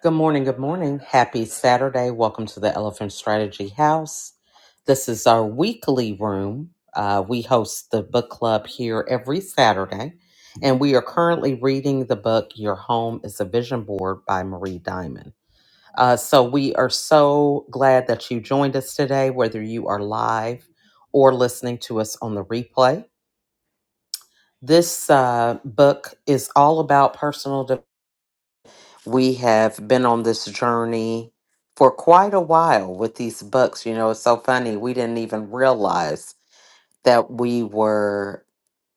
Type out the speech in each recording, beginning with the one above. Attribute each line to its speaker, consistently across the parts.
Speaker 1: Good morning. Good morning. Happy Saturday. Welcome to the Elephant Strategy House. This is our weekly room. Uh, we host the book club here every Saturday, and we are currently reading the book Your Home is a Vision Board by Marie Diamond. Uh, so we are so glad that you joined us today, whether you are live or listening to us on the replay. This uh, book is all about personal development we have been on this journey for quite a while with these books. You know, it's so funny. We didn't even realize that we were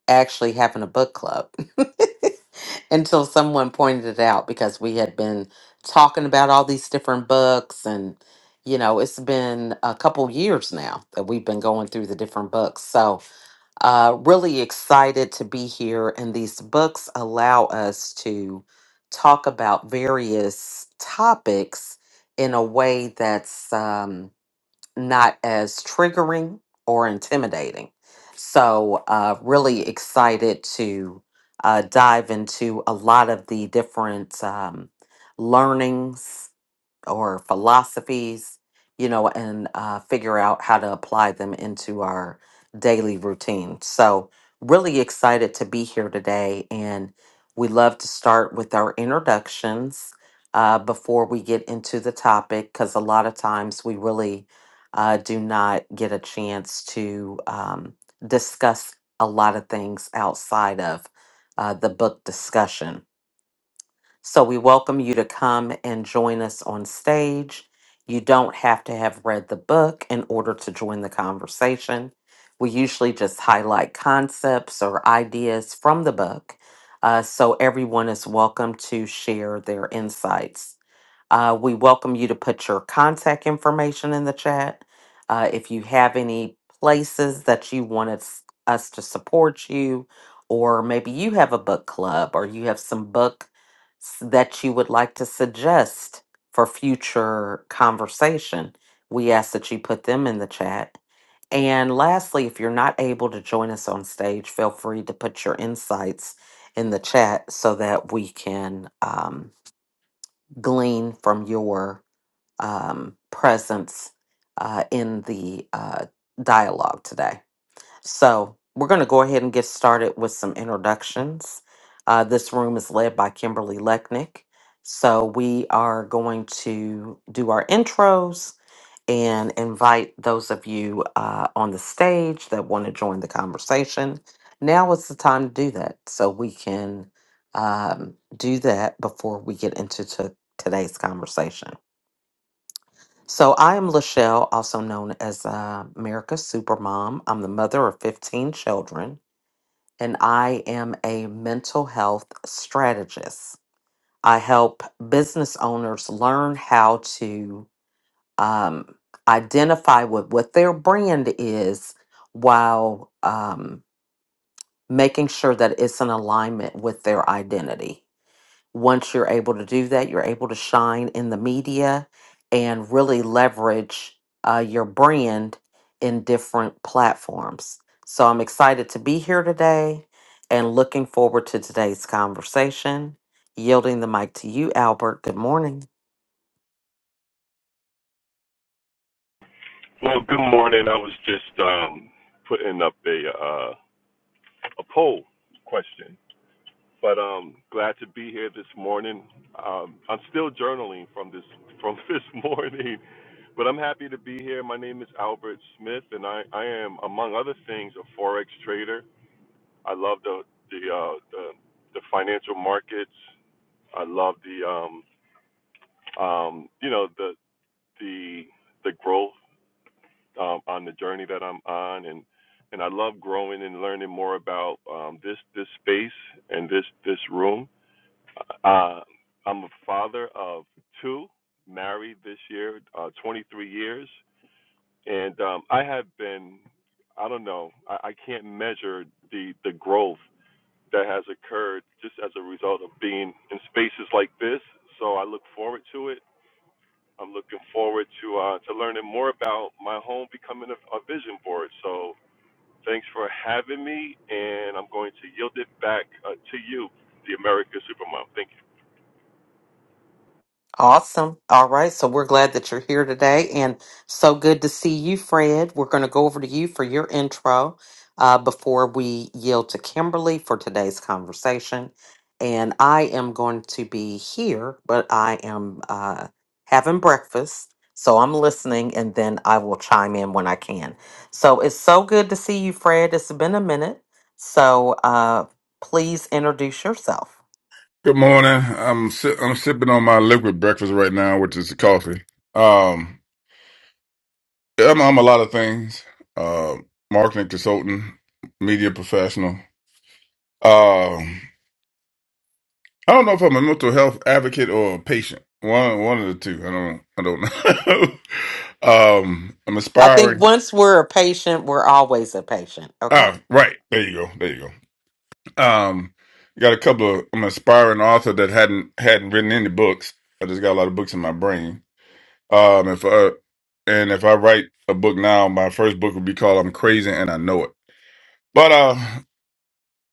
Speaker 1: actually having a book club until someone pointed it out because we had been talking about all these different books and you know it's been a couple years now that we've been going through the different books so uh really excited to be here and these books allow us to talk about various topics in a way that's um not as triggering or intimidating. So, uh, really excited to uh, dive into a lot of the different um, learnings or philosophies, you know, and uh, figure out how to apply them into our daily routine. So, really excited to be here today. And we love to start with our introductions uh, before we get into the topic, because a lot of times we really uh, do not get a chance to um, discuss a lot of things outside of uh, the book discussion. So we welcome you to come and join us on stage. You don't have to have read the book in order to join the conversation. We usually just highlight concepts or ideas from the book. uh, so everyone is welcome to share their insights uh, we welcome you to put your contact information in the chat. Uh, if you have any places that you want us, us to support you, or maybe you have a book club or you have some book that you would like to suggest for future conversation, we ask that you put them in the chat. And lastly, if you're not able to join us on stage, feel free to put your insights in the chat so that we can um, glean from your um, presence uh, in the uh, dialogue today. So, we're going to go ahead and get started with some introductions. Uh, this room is led by Kimberly Lechnick. So, we are going to do our intros and invite those of you uh, on the stage that want to join the conversation. Now is the time to do that. So, we can um, do that before we get into to today's conversation. So I am Lachelle, also known as uh, America's Supermom. I'm the mother of 15 children, and I am a mental health strategist. I help business owners learn how to um, identify with what their brand is while um, making sure that it's in alignment with their identity. Once you're able to do that, you're able to shine in the media and really leverage uh, your brand in different platforms. So I'm excited to be here today and looking forward to today's conversation. Yielding the mic to you, Albert. Good morning.
Speaker 2: Well, good morning. I was just um, putting up a uh, a poll question, but um, glad to be here this morning. Um, I'm still journaling from this from this morning, but I'm happy to be here. My name is Albert Smith, and I, I am, among other things, a forex trader. I love the the uh, the, the financial markets. I love the um, um, you know the the the growth um, on the journey that I'm on, and and I love growing and learning more about um, this this space and this this room. Uh, I'm a father of two, married this year, uh, 23 years, and um, I have been. I don't know. I, I can't measure the the growth that has occurred just as a result of being in spaces like this. So I look forward to it. I'm looking forward to uh, to learning more about my home becoming a, a vision board. So Thanks for having me, and I'm going to yield it back uh, to you, the America Supermom. Thank you.
Speaker 1: Awesome. All right. So we're glad that you're here today and so good to see you, Fred. We're going to go over to you for your intro uh, before we yield to Kimberly for today's conversation. And I am going to be here, but I am uh, having breakfast. So I'm listening and then I will chime in when I can. So it's so good to see you, Fred. It's been a minute. So uh, please introduce yourself.
Speaker 3: Good morning. I'm si- I'm sipping on my liquid breakfast right now, which is coffee. Um, yeah, I'm, I'm a lot of things. Uh, marketing consultant, media professional. Um, I don't know if I'm a mental health advocate or a patient. One one of the two. I don't I don't know. um, I'm
Speaker 1: I think
Speaker 3: aspiring.
Speaker 1: once we're a patient, we're always a patient. Okay.
Speaker 3: Ah, right. There you go. There you go. Um, got a couple of. I'm an aspiring author that hadn't hadn't written any books. I just got a lot of books in my brain. Um, and for and if I write a book now, my first book would be called "I'm Crazy and I Know It." But uh,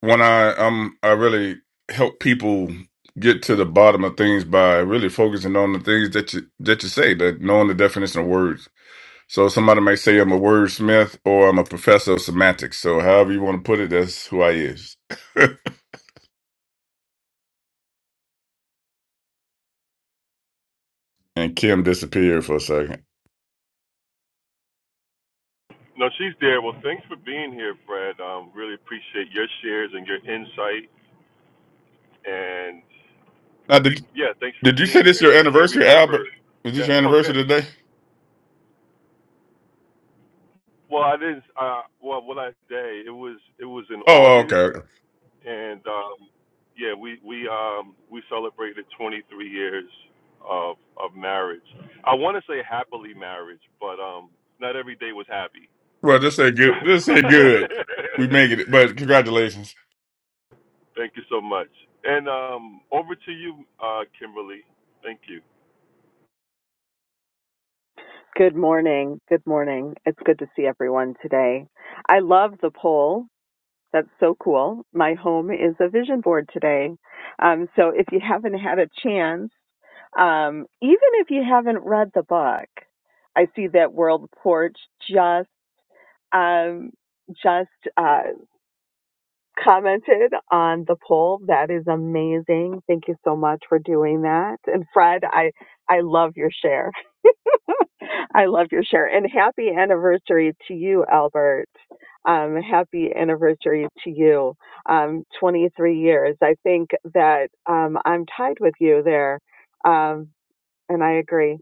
Speaker 3: when I um, I really help people get to the bottom of things by really focusing on the things that you that you say, that knowing the definition of words. So somebody may say I'm a wordsmith or I'm a professor of semantics. So however you want to put it, that's who I is. and Kim disappeared for a second.
Speaker 2: No, she's there. Well, thanks for being here, Fred. Um, really appreciate your shares and your insight, and
Speaker 3: Now, did
Speaker 2: yeah, thanks for
Speaker 3: did you
Speaker 2: being
Speaker 3: say this
Speaker 2: here.
Speaker 3: your
Speaker 2: And again,
Speaker 3: anniversary,
Speaker 2: remember,
Speaker 3: Albert? Is this
Speaker 2: yes,
Speaker 3: your
Speaker 2: oh,
Speaker 3: anniversary
Speaker 2: good.
Speaker 3: today?
Speaker 2: Well, I didn't. Uh, well, what I say, it was it was in
Speaker 3: Oh,
Speaker 2: August
Speaker 3: okay.
Speaker 2: and um, yeah, we we um, we celebrated 23 years of of marriage. I want to say happily marriage, but um, not every day was happy.
Speaker 3: Well, this ain't good.
Speaker 2: But-
Speaker 3: This ain't good. We making it, but congratulations.
Speaker 2: thank you so much, and um, over to you, uh, Kimberly. Thank you.
Speaker 4: Good morning. Good morning. It's good to see everyone today. I love the poll. That's so cool. My home is a vision board today. Um, so if you haven't had a chance, um, even if you haven't read the book, I see that World Porch just um, just uh, commented on the poll. That is amazing. Thank you so much for doing that. And Fred, I I love your share. I love your share and happy anniversary to you, Albert. Um, happy anniversary to you. Um, 23 years. I think that um, I'm tied with you there, um, and I agree.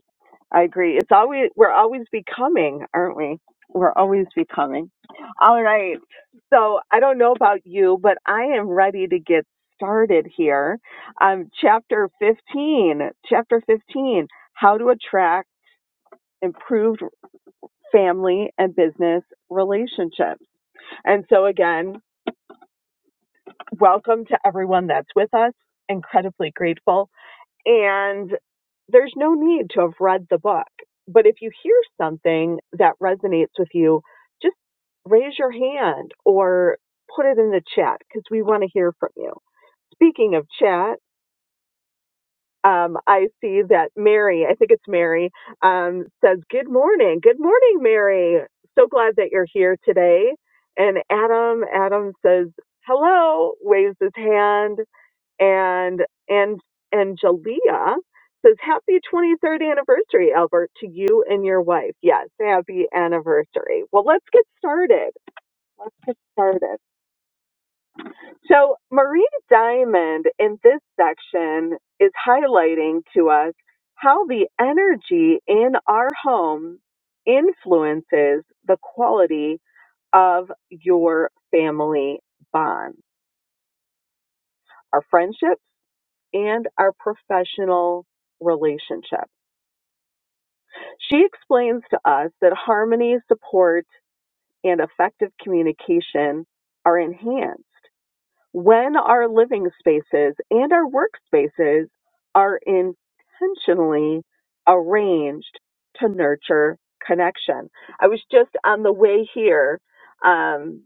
Speaker 4: I agree. It's always we're always becoming, aren't we? We're always becoming. All right. So I don't know about you, but I am ready to get started here. Um, chapter 15. Chapter 15. How to attract improved family and business relationships. And so, again, welcome to everyone that's with us. Incredibly grateful. And there's no need to have read the book, but if you hear something that resonates with you, just raise your hand or put it in the chat because we want to hear from you. Speaking of chat, um, I see that Mary, I think it's Mary, um, says, Good morning. Good morning, Mary. So glad that you're here today. And Adam, Adam says, Hello, waves his hand. And, and, and Jalea says, Happy 23rd anniversary, Albert, to you and your wife. Yes, happy anniversary. Well, let's get started. Get started. So, Marie Diamond in this section is highlighting to us how the energy in our home influences the quality of your family bond, our friendships, and our professional relationship. She explains to us that harmony, support, and effective communication are enhanced when our living spaces and our workspaces are intentionally arranged to nurture connection. I was just on the way here. Um,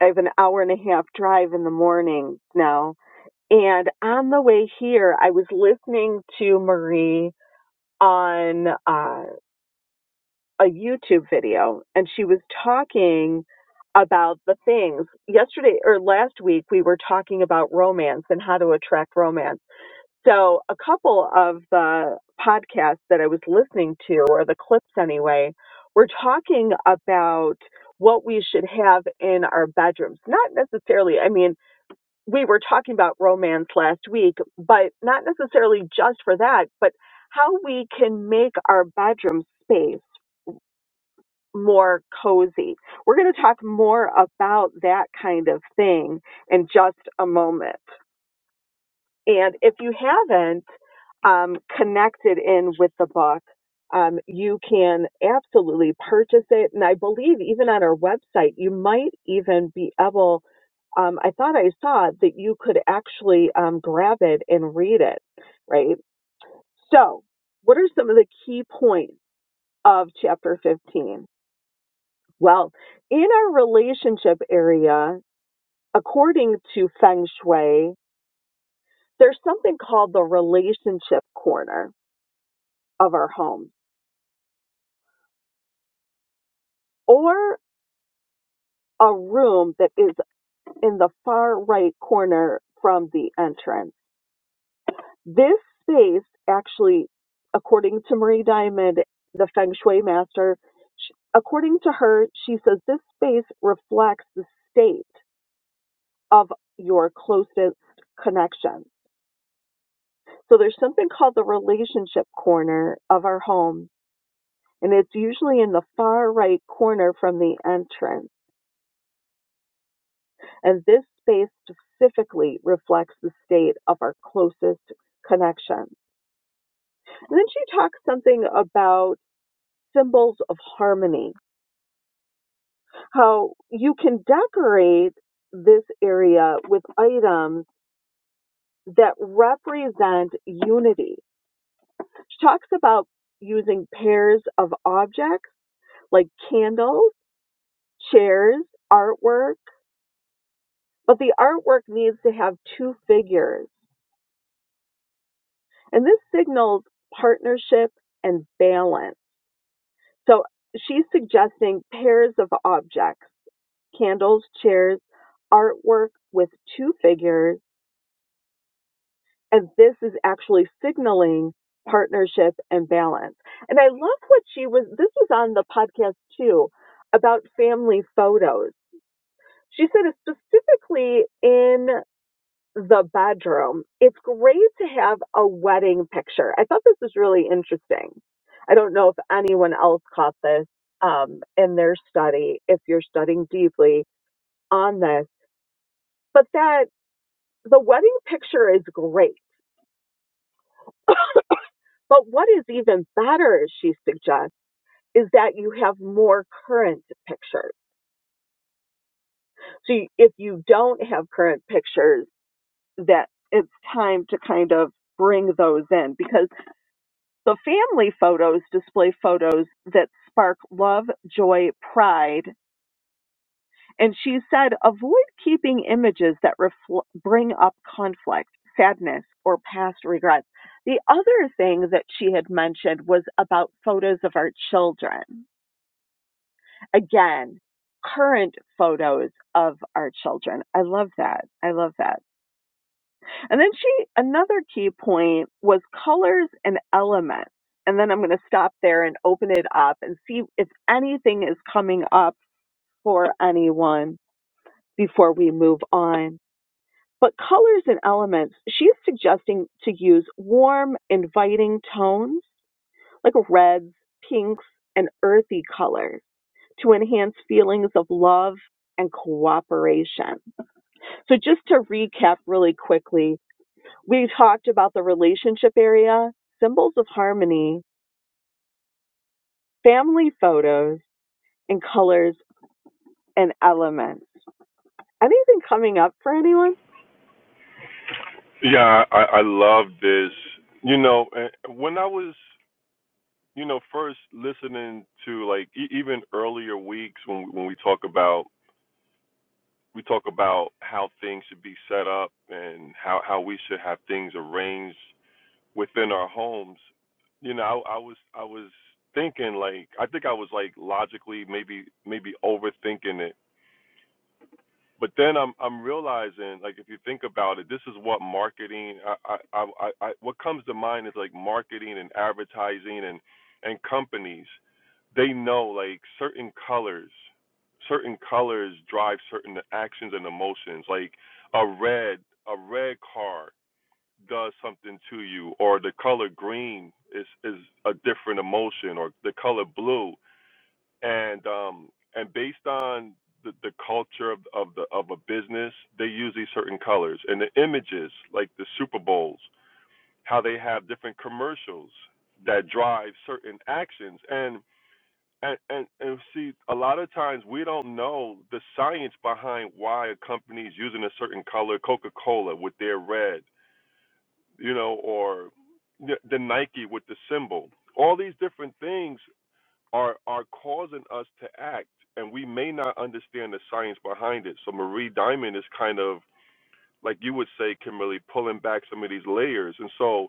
Speaker 4: I have an hour and a half drive in the morning now. And on the way here, I was listening to Marie on uh, a YouTube video and she was talking about the things. Yesterday or last week, we were talking about romance and how to attract romance. So, a couple of the podcasts that I was listening to, or the clips anyway, were talking about what we should have in our bedrooms. Not necessarily, I mean, we were talking about romance last week, but not necessarily just for that, but how we can make our bedroom space more cozy. We're going to talk more about that kind of thing in just a moment. And if you haven't um, connected in with the book, um, you can absolutely purchase it. And I believe even on our website, you might even be able, um, I thought I saw that you could actually um, grab it and read it, right? So, what are some of the key points of chapter 15? Well, in our relationship area, according to feng shui, there's something called the relationship corner of our home or a room that is in the far right corner from the entrance. This space actually, according to Marie Diamond, the feng shui master, sh according to her, she says this space reflects the state of your closest connection So there's something called the relationship corner of our home, and it's usually in the far right corner from the entrance. And this space specifically reflects the state of our closest connection. And then she talks something about symbols of harmony, how you can decorate this area with items that represent unity. She talks about using pairs of objects like candles chairs, artwork, but the artwork needs to have two figures. And this signals partnership and balance. So she's suggesting pairs of objects, candles, chairs, artwork with two figures. And this is actually signaling partnership and balance. And I love what she was, this was on the podcast too, about family photos. She said specifically in the bedroom, it's great to have a wedding picture. I thought this was really interesting. I don't know if anyone else caught this um, in their study, if you're studying deeply on this, but that the wedding picture is great. But what is even better, as she suggests, is that you have more current pictures. So you- if you don't have current pictures, that it's time to kind of bring those in because The family photos display photos that spark love, joy, pride, and she said avoid keeping images that refl- bring up conflict, sadness, or past regrets. The other thing that she had mentioned was about photos of our children. Again, current photos of our children. I love that. I love that And then she, another key point was colors and elements. And then I'm going to stop there and open it up and see if anything is coming up for anyone before we move on. But colors and elements, she's suggesting to use warm, inviting tones like reds, pinks, and earthy colors to enhance feelings of love and cooperation. So just to recap really quickly, We talked about the relationship area, symbols of harmony, family photos, and colors and elements. Anything coming up for anyone?
Speaker 2: Yeah, I, I love this. You know, eh, when I was, you know, first listening to like e- even earlier weeks when when we talk about we talk about how things should be set up and how how we should have things arranged within our homes. You know, I, I was I was thinking like I think I was like logically maybe maybe overthinking it but then I'm I'm realizing like if you think about it, this is what marketing I I I, I what comes to mind is like marketing and advertising and and companies they know like certain colors certain colors drive certain actions and emotions like a red a red car does something to you or the color green is is a different emotion or the color blue and um and based on the, the culture of, of the of a business they use these certain colors and the images like the super bowls how they have different commercials that drive certain actions and and, and and see a lot of times we don't know the science behind why a company is using a certain color coca-cola with their red you know or the, the nike with the symbol all these different things are are causing us to act and we may not understand the science behind it so marie diamond is kind of like you would say kimberly pulling back some of these layers and so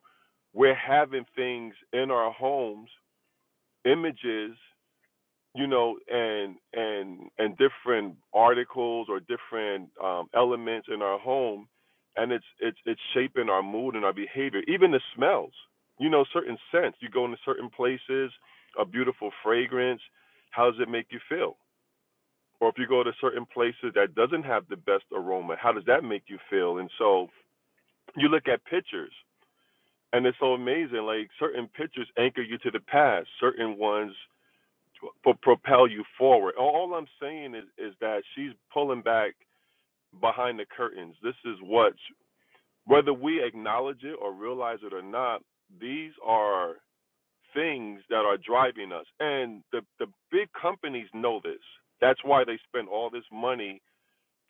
Speaker 2: we're having things in our homes images you know, and and and different articles or different um, elements in our home, and it's it's it's shaping our mood and our behavior. Even the smells, you know, certain scents. You go into certain places, a beautiful fragrance. How does it make you feel? Or if you go to certain places that doesn't have the best aroma, how does that make you feel? And so you look at pictures, and it's so amazing. Like certain pictures anchor you to the past. Certain ones pro- propel you forward. All all I'm saying is, is that she's pulling back behind the curtains. This is what, whether we acknowledge it or realize it or not, these are things that are driving us. And the, the big companies know this. That's why they spend all this money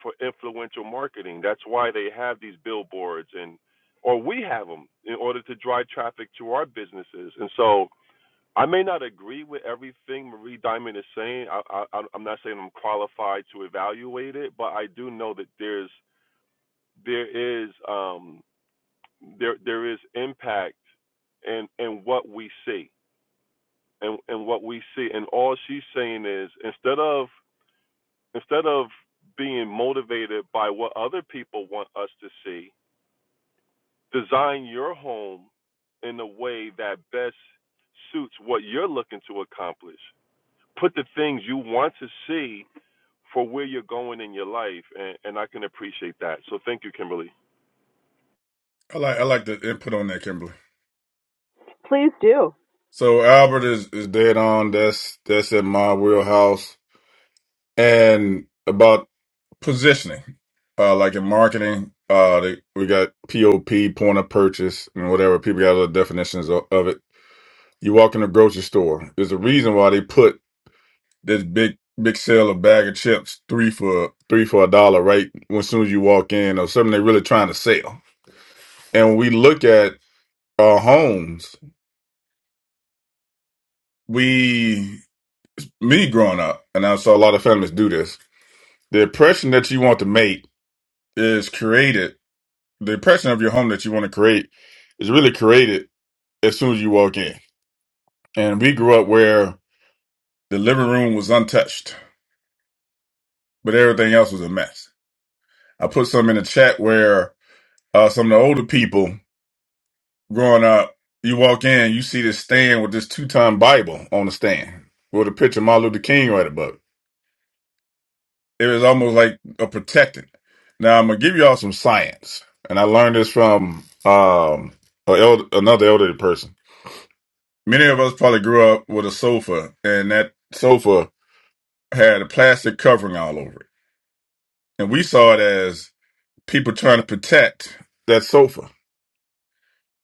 Speaker 2: for influential marketing. That's why they have these billboards and or we have them in order to drive traffic to our businesses. And so I may not agree with everything Marie Diamond is saying. I, I, I'm not saying I'm qualified to evaluate it, but I do know that there's there is um, there there is impact in in what we see and and what we see. And all she's saying is instead of instead of being motivated by what other people want us to see, design your home in a way that best suits what you're looking to accomplish put the things you want to see for where you're going in your life and, and I can appreciate that. So thank you, Kimberly.
Speaker 3: I like I like the input on that, Kimberly.
Speaker 4: Please do.
Speaker 3: So Albert is is dead on. That's that's in my wheelhouse. And about positioning, uh, like in marketing, uh, they, we got POP, point of purchase, and whatever. People got other definitions of, of it. You walk in a grocery store. There's a reason why they put this big big sale of bag of chips three for three for a dollar right as soon as you walk in or something they're really trying to sell and we look at our homes, we, me growing up, and I saw a lot of families do this. The impression that you want to make is created. The impression of your home that you want to create is really created as soon as you walk in. And we grew up where the living room was untouched, but everything else was a mess. I put some in the chat where uh, some of the older people growing up, you walk in, you see this stand with this two-time Bible on the stand with a picture of Martin Luther King right above. it. it was almost like a protectant. Now I'm gonna give y'all some science, and I learned this from um a eld- another elderly person. Many of us probably grew up with a sofa, and that sofa had a plastic covering all over it, and we saw it as people trying to protect that sofa.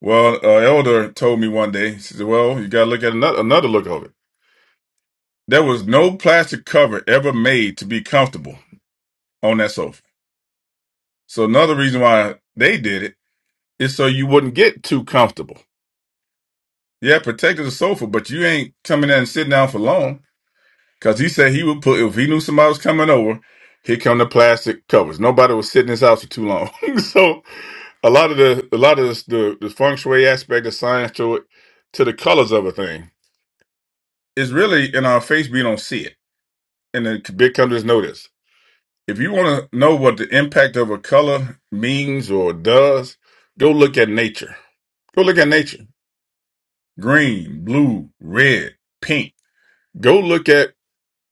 Speaker 3: Well, an elder told me one day, he said, "Well, you gotta look at another another look of it. There was no plastic cover ever made to be comfortable on that sofa. So another reason why they did it." Is so you wouldn't get too comfortable. Yeah, protected the sofa, but you ain't coming in and sitting down for long. Cause he said he would put if he knew somebody was coming over, here come the plastic covers. Nobody was sitting in his house for too long. so a lot of the a lot of this, the the feng shui aspect, the science to it, to the colors of a thing is really in our face. We don't see it, and the big companies know this. If you want to know what the impact of a color means or does, go look at nature. Go look at nature. green, blue, red, pink. Go look at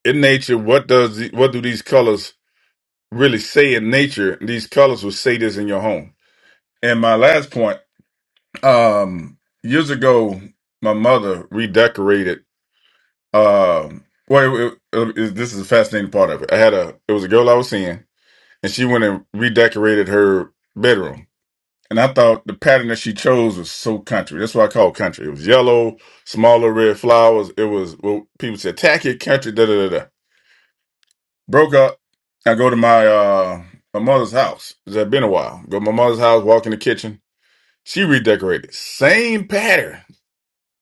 Speaker 3: in nature what does the- what do these colors really say in nature? These colors will say this in your home. And my last point, um, years ago, my mother redecorated. Um, well, it, it, it- this is a fascinating part of it. I had a it was a girl I was seeing, and she went and redecorated her bedroom And I thought the pattern that she chose was so country. That's why I call it country. It was yellow, smaller red flowers. It was well, people said tacky country. Da da da da. Broke up. I go to my uh my mother's house. It's had been a while. Go to my mother's house. Walk in the kitchen. She redecorated. Same pattern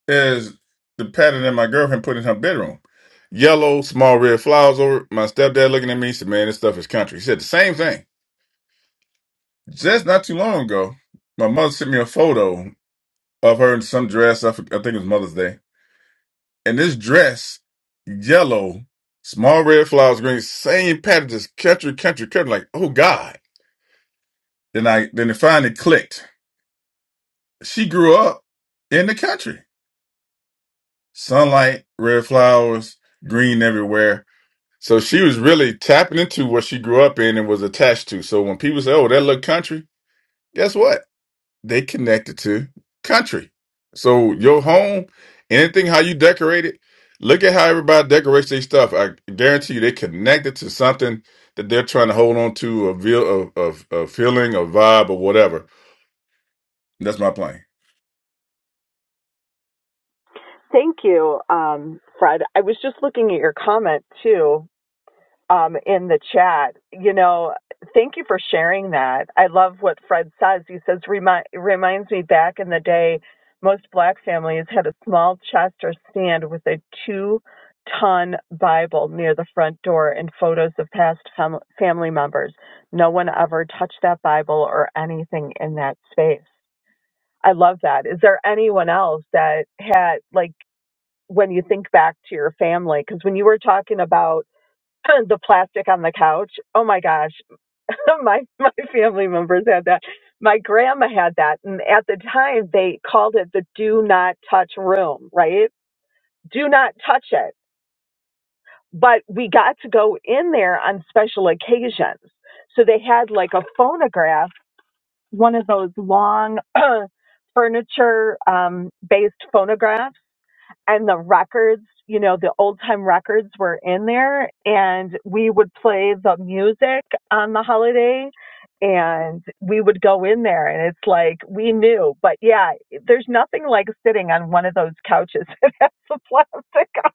Speaker 3: as the pattern that my girlfriend put in her bedroom. Yellow, small red flowers over. it. My stepdad looking at me. He said, "Man, this stuff is country." He said the same thing. Just not too long ago, my mother sent me a photo. of her in some dress. I, for- I think it was Mother's Day. And this dress, yellow, small red flowers, green, same pattern, just country, country, country. Like, oh God. Then I then it finally clicked. She grew up in the country. Sunlight, red flowers, green everywhere. So she was really tapping into what she grew up in and was attached to. So when people say, Oh, that look country, guess what? they connected to country. So your home, anything how you decorate it, look at how everybody decorates their stuff. I guarantee you, they connected to something that they're trying to hold on to, a feel, a, a, a feeling, a vibe, or whatever. That's my plan.
Speaker 4: Thank you, um, Fred. I was just looking at your comment too um, in the chat. You know, thank you for sharing that. I love what Fred says. He says, Remind, reminds me back in the day, most black families had a small chest or stand with a two ton Bible near the front door and photos of past fam- family members. No one ever touched that Bible or anything in that space. I love that. Is there anyone else that had, like, when you think back to your family, because when you were talking about the plastic on the couch. Oh my gosh, my my family members had that. My grandma had that, and at the time they called it the "do not touch" room. Right? Do not touch it. But we got to go in there on special occasions. So they had like a phonograph, one of those long furniture um, based phonographs and the records, you know, the old time records were in there and we would play the music on the holiday and we would go in there and it's like we knew. But yeah, there's nothing like sitting on one of those couches that has the plastic on.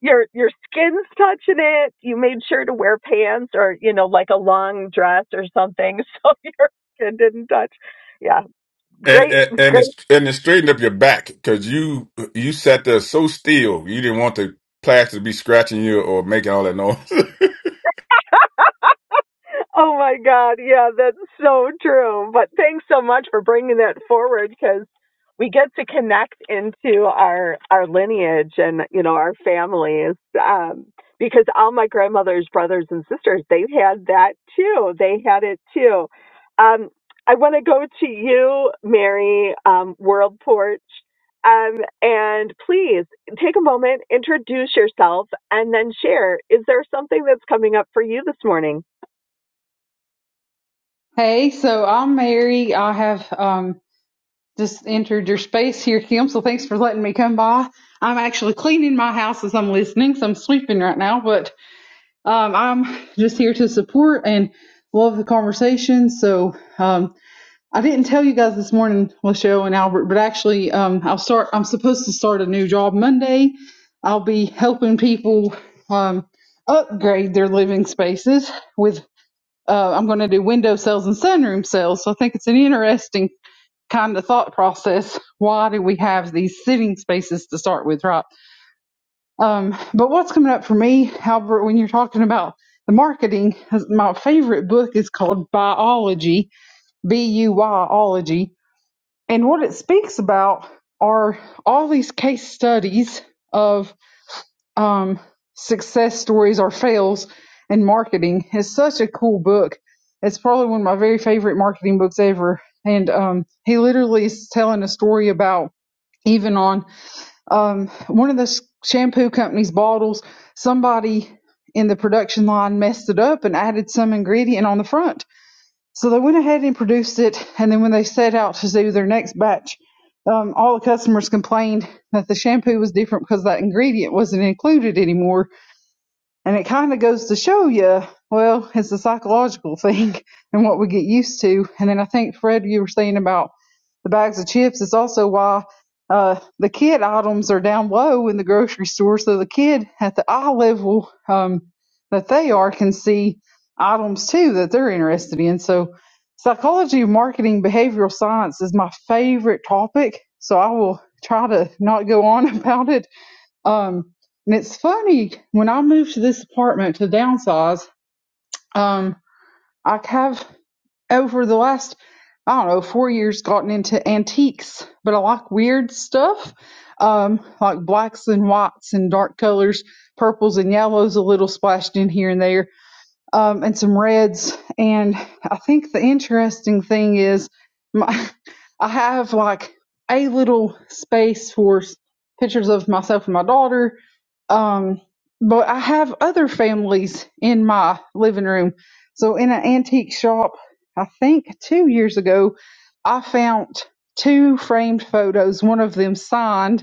Speaker 4: Your your skin's touching it. You made sure to wear pants or, you know, like a long dress or something so your skin didn't touch. Yeah.
Speaker 3: And,
Speaker 4: Great
Speaker 3: and
Speaker 4: great
Speaker 3: and it's and it straightened up your back because you you sat there so still you didn't want the plaster to be scratching you or making all that noise.
Speaker 4: Oh my God. Yeah, that's so true. But thanks so much for bringing that forward because we get to connect into our, our lineage and, you know, our families. Um, because all my grandmother's brothers and sisters, they've had that too. They had it too. Um, I want to go to you, Mary, um, World Porch. Um, and please take a moment, introduce yourself, and then share. Is there something that's coming up for you this morning?
Speaker 5: Hey, so I'm Mary. I have um, just entered your space here, Kim. So thanks for letting me come by. I'm actually cleaning my house as I'm listening, so I'm sweeping right now. But um, I'm just here to support and love the conversation. So um, I didn't tell you guys this morning, Lachelle and Albert, but actually, um, I'll start. I'm supposed to start a new job Monday. I'll be helping people um, upgrade their living spaces with uh, I'm going to do window cells and sunroom cells. So I think it's an interesting kind of thought process. Why do we have these sitting spaces to start with, right? Um, but what's coming up for me, Albert, when you're talking about the marketing, my favorite book is called Biology, B U Y ology, and what it speaks about are all these case studies of um, success stories or fails in marketing is such a cool book. It's probably one of my very favorite marketing books ever. And um, he literally is telling a story about even on um, one of the s- shampoo company's bottles, somebody in the production line messed it up and added some ingredient on the front. So they went ahead and produced it. And then when they set out to do their next batch, um, all the customers complained that the shampoo was different because that ingredient wasn't included anymore and it kind of goes to show you, well, it's the psychological thing and what we get used to. And then I think, Fred, you were saying about the bags of chips. It's also why uh, the kid items are down low in the grocery store. So the kid at the eye level um, that they are can see items too that they're interested in. So psychology, marketing, behavioral science is my favorite topic. So I will try to not go on about it um, and it's funny when I moved to this apartment to downsize. Um, I have over the last I don't know four years gotten into antiques, but I like weird stuff, um, like blacks and whites and dark colors, purples and yellows, a little splashed in here and there um, and some reds. And I think the interesting thing is, my, I have like a little space for pictures of myself and my daughter. Um, but I have other families in my living room. So in an antique shop, I think two years ago, I found two framed photos, one of them signed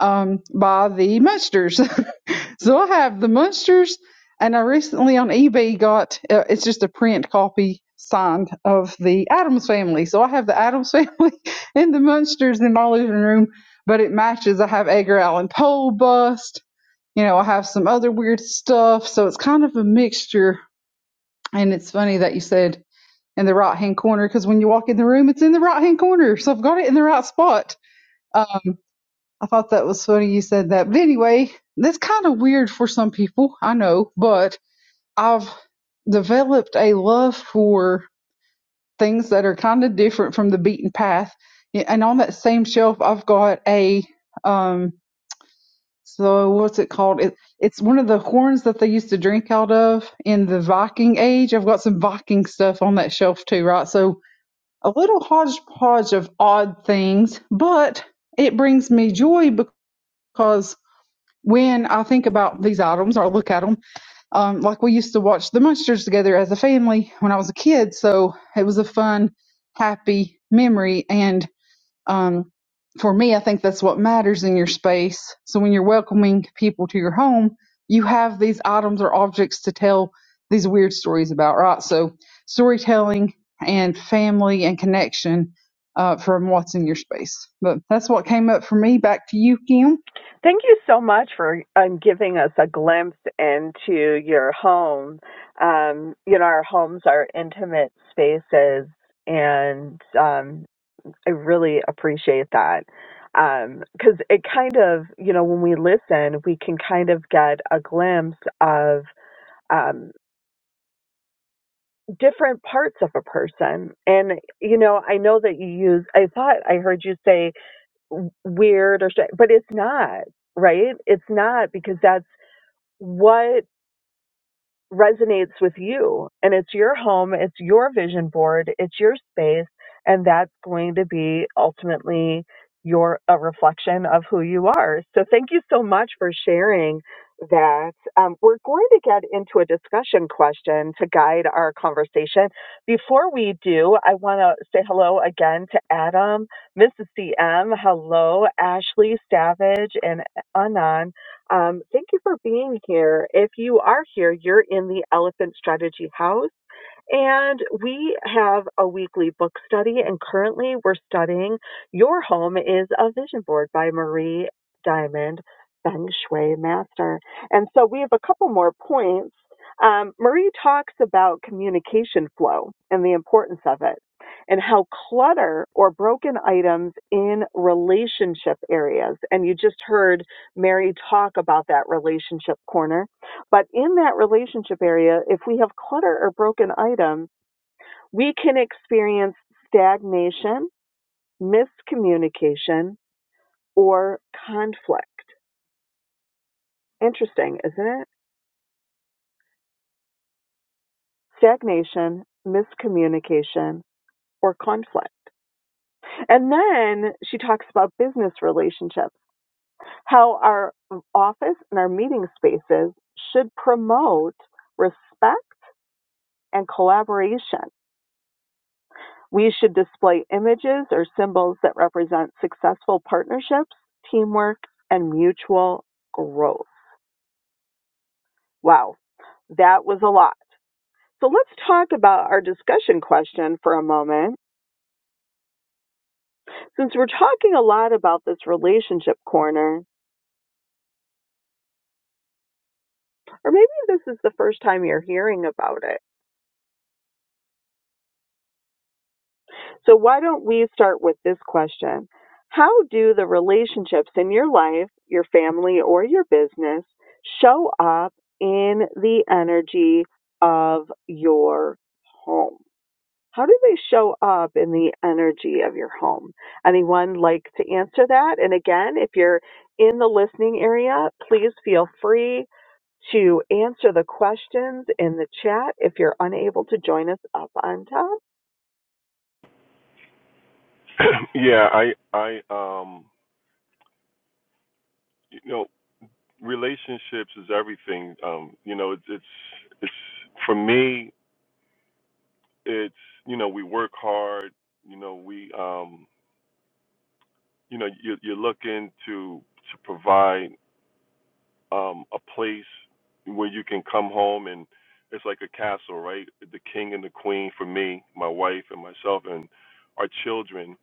Speaker 5: um, by the Munsters. so I have the Munsters, and I recently on eBay got uh, it's just a print copy signed of the Adams Family. So I have the Adams Family and the Munsters in my living room, but it matches. I have Edgar Allan Poe bust. You know, I have some other weird stuff. So it's kind of a mixture. And it's funny that you said in the right hand corner because when you walk in the room, it's in the right hand corner. So I've got it in the right spot I thought that was funny you said that. But anyway, that's kind of weird for some people, I know, but I've developed a love for things that are kind of different from the beaten path. Yeah, And on that same shelf, I've got a, um, so what's it called? It, it's one of the horns that they used to drink out of in the Viking age. I've got some Viking stuff on that shelf too, right? So a little hodgepodge of odd things, but it brings me joy because when I think about these items or look at them, um, like we used to watch the Munsters together as a family when I was a kid. So it was a fun, happy memory. And um, for me, I think that's what matters in your space. So when you're welcoming people to your home, you have these items or objects to tell these weird stories about, right? So storytelling and family and connection uh, from what's in your space. But that's what came up for me. Back to you, Kim.
Speaker 4: Thank you so much for um, giving us a glimpse into your home. Um, you know, our homes are intimate spaces, and um, I really appreciate that because it kind of, you know, when we listen, we can kind of get a glimpse of um, different parts of a person. And, you know, I know that you use, I thought I heard you say weird or, sh- but it's not right? It's not because that's what resonates with you and it's your home it's your vision board it's your space and that's going to be ultimately your a reflection of who you are so thank you so much for sharing that um, we're going to get into a discussion question to guide our conversation before we do i want to say hello again to adam mrs cm hello ashley savage and anand um, thank you for being here. If you are here, you're in the Elephant Strategy House. And we have a weekly book study, and currently we're studying Your Home is a Vision Board by Marie Diamond, Feng Shui Master. And so we have a couple more points. Um, Marie talks about communication flow and the importance of it, and how clutter or broken items in relationship areas. And you just heard Mary talk about that relationship corner but in that relationship area, if we have clutter or broken items, we can experience stagnation, miscommunication, or conflict. Interesting, isn't it? Stagnation, miscommunication, or conflict. And then she talks about business relationships, how our office and our meeting spaces should promote respect and collaboration We should display images or symbols that represent successful partnerships, teamwork, and mutual growth. Wow, that was a lot. So let's talk about our discussion question for a moment. Since we're talking a lot about this relationship corner, or maybe this is the first time you're hearing about it, So, why don't we start with this question? How do the relationships in your life, your family, or your business show up in the energy of your home? How do they show up in the energy of your home? Anyone like to answer that? And again, if you're in the listening area, please feel free to answer the questions in the chat if you're unable to join us up on top
Speaker 2: yeah, I I um you know, relationships is everything. Um, you know, it's it's it's for me it's you know, we work hard, you know, we um you know, you you're looking to to provide um, a place where you can come home and it's like a castle, right? The king and the queen for me, my wife and myself and our children.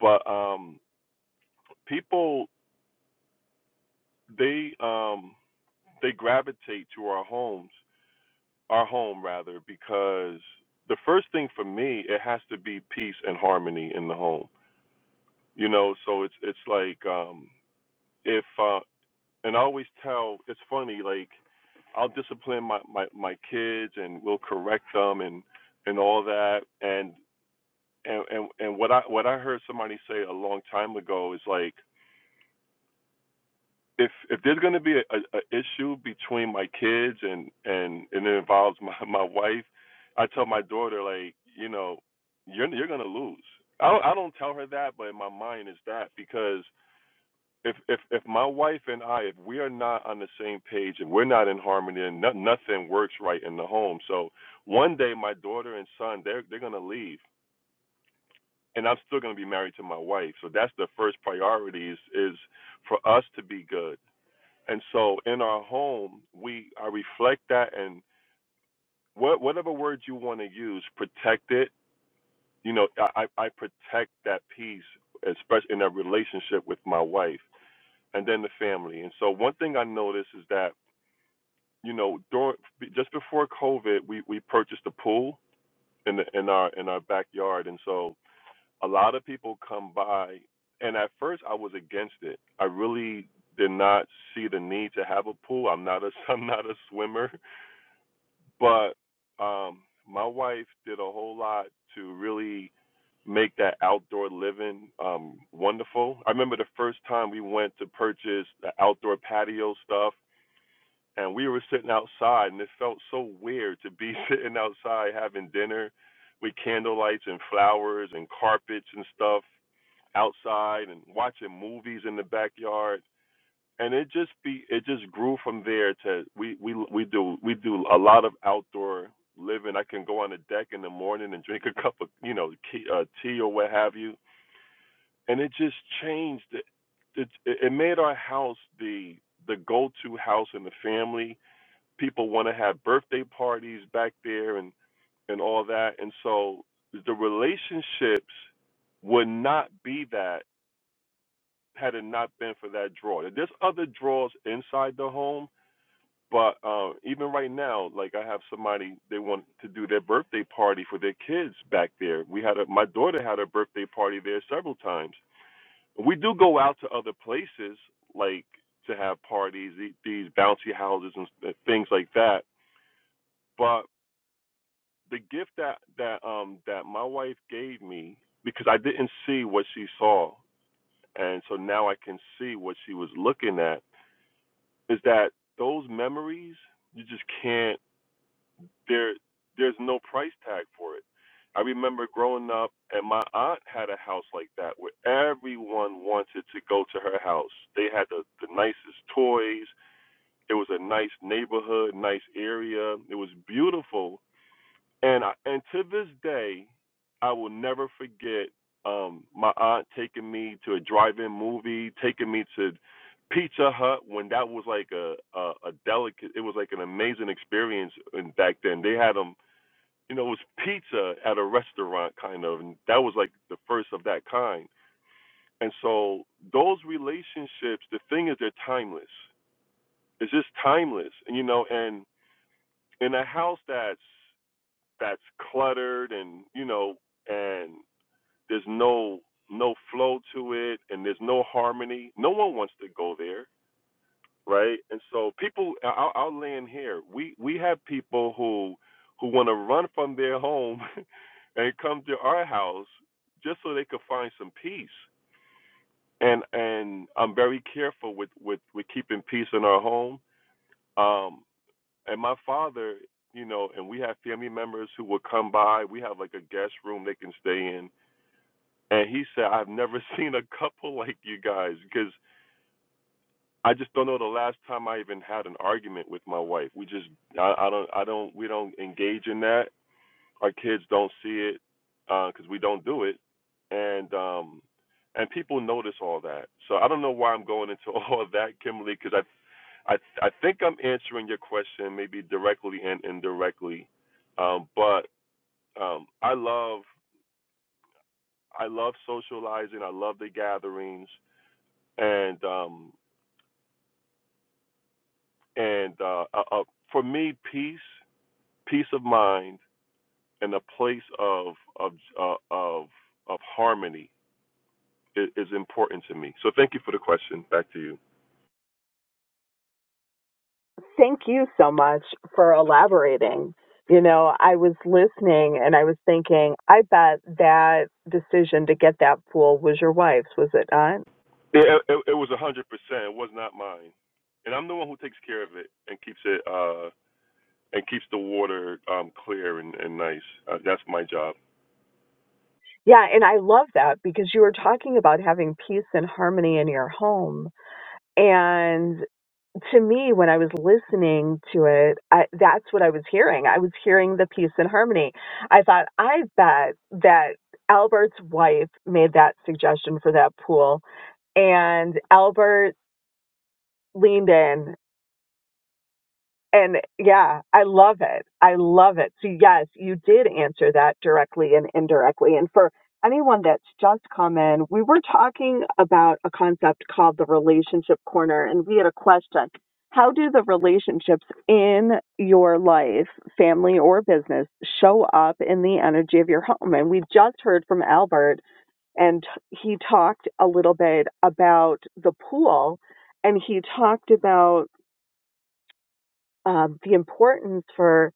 Speaker 2: But um, people they um, they gravitate to our homes, our home rather, because the first thing for me it has to be peace and harmony in the home. You know, so it's it's like um, if uh, and I always tell it's funny like I'll discipline my my my kids and we'll correct them and and all that and and and, and what I what I heard somebody say a long time ago is like if if there's going to be a, a, a issue between my kids and and and it involves my my wife, I tell my daughter like you know you're you're going to lose. I don't, I don't tell her that, but in my mind is that because if if if my wife and I if we are not on the same page if we're not in harmony and no, nothing works right in the home so one day my daughter and son they're they're gonna leave and I'm still gonna be married to my wife so that's the first priority is is for us to be good and so in our home we I reflect that and what whatever words you want to use protect it you know I I protect that peace especially in a relationship with my wife and then the family and so one thing I notice is that you know, during just before COVID, we we purchased a pool in the, in our in our backyard, and so a lot of people come by. And at first, I was against it. I really did not see the need to have a pool. I'm not a I'm not a swimmer, but um, my wife did a whole lot to really make that outdoor living um wonderful. I remember the first time we went to purchase the outdoor patio stuff and we were sitting outside, and it felt so weird to be sitting outside having dinner with candlelights and flowers and carpets and stuff outside, and watching movies in the backyard. And it just be it just grew from there to we we we do we do a lot of outdoor living. I can go on the deck in the morning and drink a cup of you know tea, uh, or what have you, and it just changed. It, it it made our house the the go to house in the family people want to have birthday parties back there and and all that and so the relationships would not be that had it not been for that draw there's other draws inside the home but uh, even right now like i have somebody they want to do their birthday party for their kids back there we had a, my daughter had a birthday party there several times we do go out to other places like to have parties the- these bouncy houses and s- things like that but the gift that that um that my wife gave me because I didn't see what she saw, and so now I can see what she was looking at. Is that those memories? You just can't. There, there's no price tag for it. I remember growing up, and my aunt had a house like that where everyone wanted to go to her house. They had the, the nicest toys. It was a nice neighborhood, nice area. It was beautiful and I, and to this day, I will never forget um, my aunt taking me to a drive-in movie, taking me to Pizza Hut when that was like a a, a delicate. It was like an amazing experience and back then. They had them, you know, it was pizza at a restaurant kind of, and that was like the first of that kind. And so those relationships, the thing is, they're timeless. It's just timeless, and you know, and in a house that's that's cluttered and you know and there's no no flow to it and there's no harmony no one wants to go there right and so people I- will I'll land here we we have people who who want to run from their home and come to our house just so they could find some peace and and i'm very careful with with with keeping peace in our home um and my father, you know, and we have family members who would come by. We have like a guest room they can stay in. And he said, I've never seen a couple like you guys because I just don't know the last time I even had an argument with my wife. We just, I, I don't, I don't, we don't engage in that. Our kids don't see it because uh, we don't do it, and um, and people notice all that. So I don't know why I'm going into all of that, Kimberly, because I, I I think I'm answering your question maybe directly and indirectly, um, but um, I love I love socializing. I love the gatherings, and um, and uh, uh, uh, for me, peace, peace of mind, and a place of of uh, of of harmony i- is important to me. So thank you for the question. Back to you.
Speaker 4: Thank you so much for elaborating. You know, I was listening and I was thinking, I bet that decision to get that pool was your wife's, was it not?
Speaker 2: Yeah, it, it was a hundred percent. It was not mine, and I'm the one who takes care of it and keeps it uh and keeps the water um clear and and nice. Uh, that's my job.
Speaker 4: Yeah, and I love that because you were talking about having peace and harmony in your home. And to me, when I was listening to it, I, that's what I was hearing. I was hearing the peace and harmony. I thought, I bet that Albert's wife made that suggestion for that pool and Albert leaned in. And yeah, I love it. I love it. So yes, you did answer that directly and indirectly. And for anyone that's just come in, we were talking about a concept called the relationship corner and we had a question. How do the relationships in your life, family or business, show up in the energy of your home? And we just heard from Albert and he talked a little bit about the pool and he talked about um, the importance for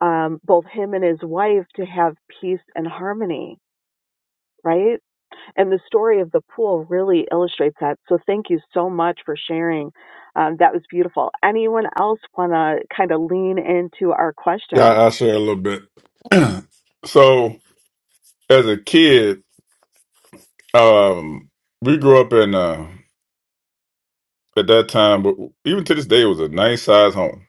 Speaker 4: um, both him and his wife to have peace and harmony, right? And the story of the pool really illustrates that. So thank you so much for sharing. Um, that was beautiful. Anyone else want to kind of lean into our
Speaker 3: yeah, I-
Speaker 4: question?
Speaker 3: I'll share a little bit. So as a kid, um, we grew up in. at that time, but even to this day, it was a nice size home,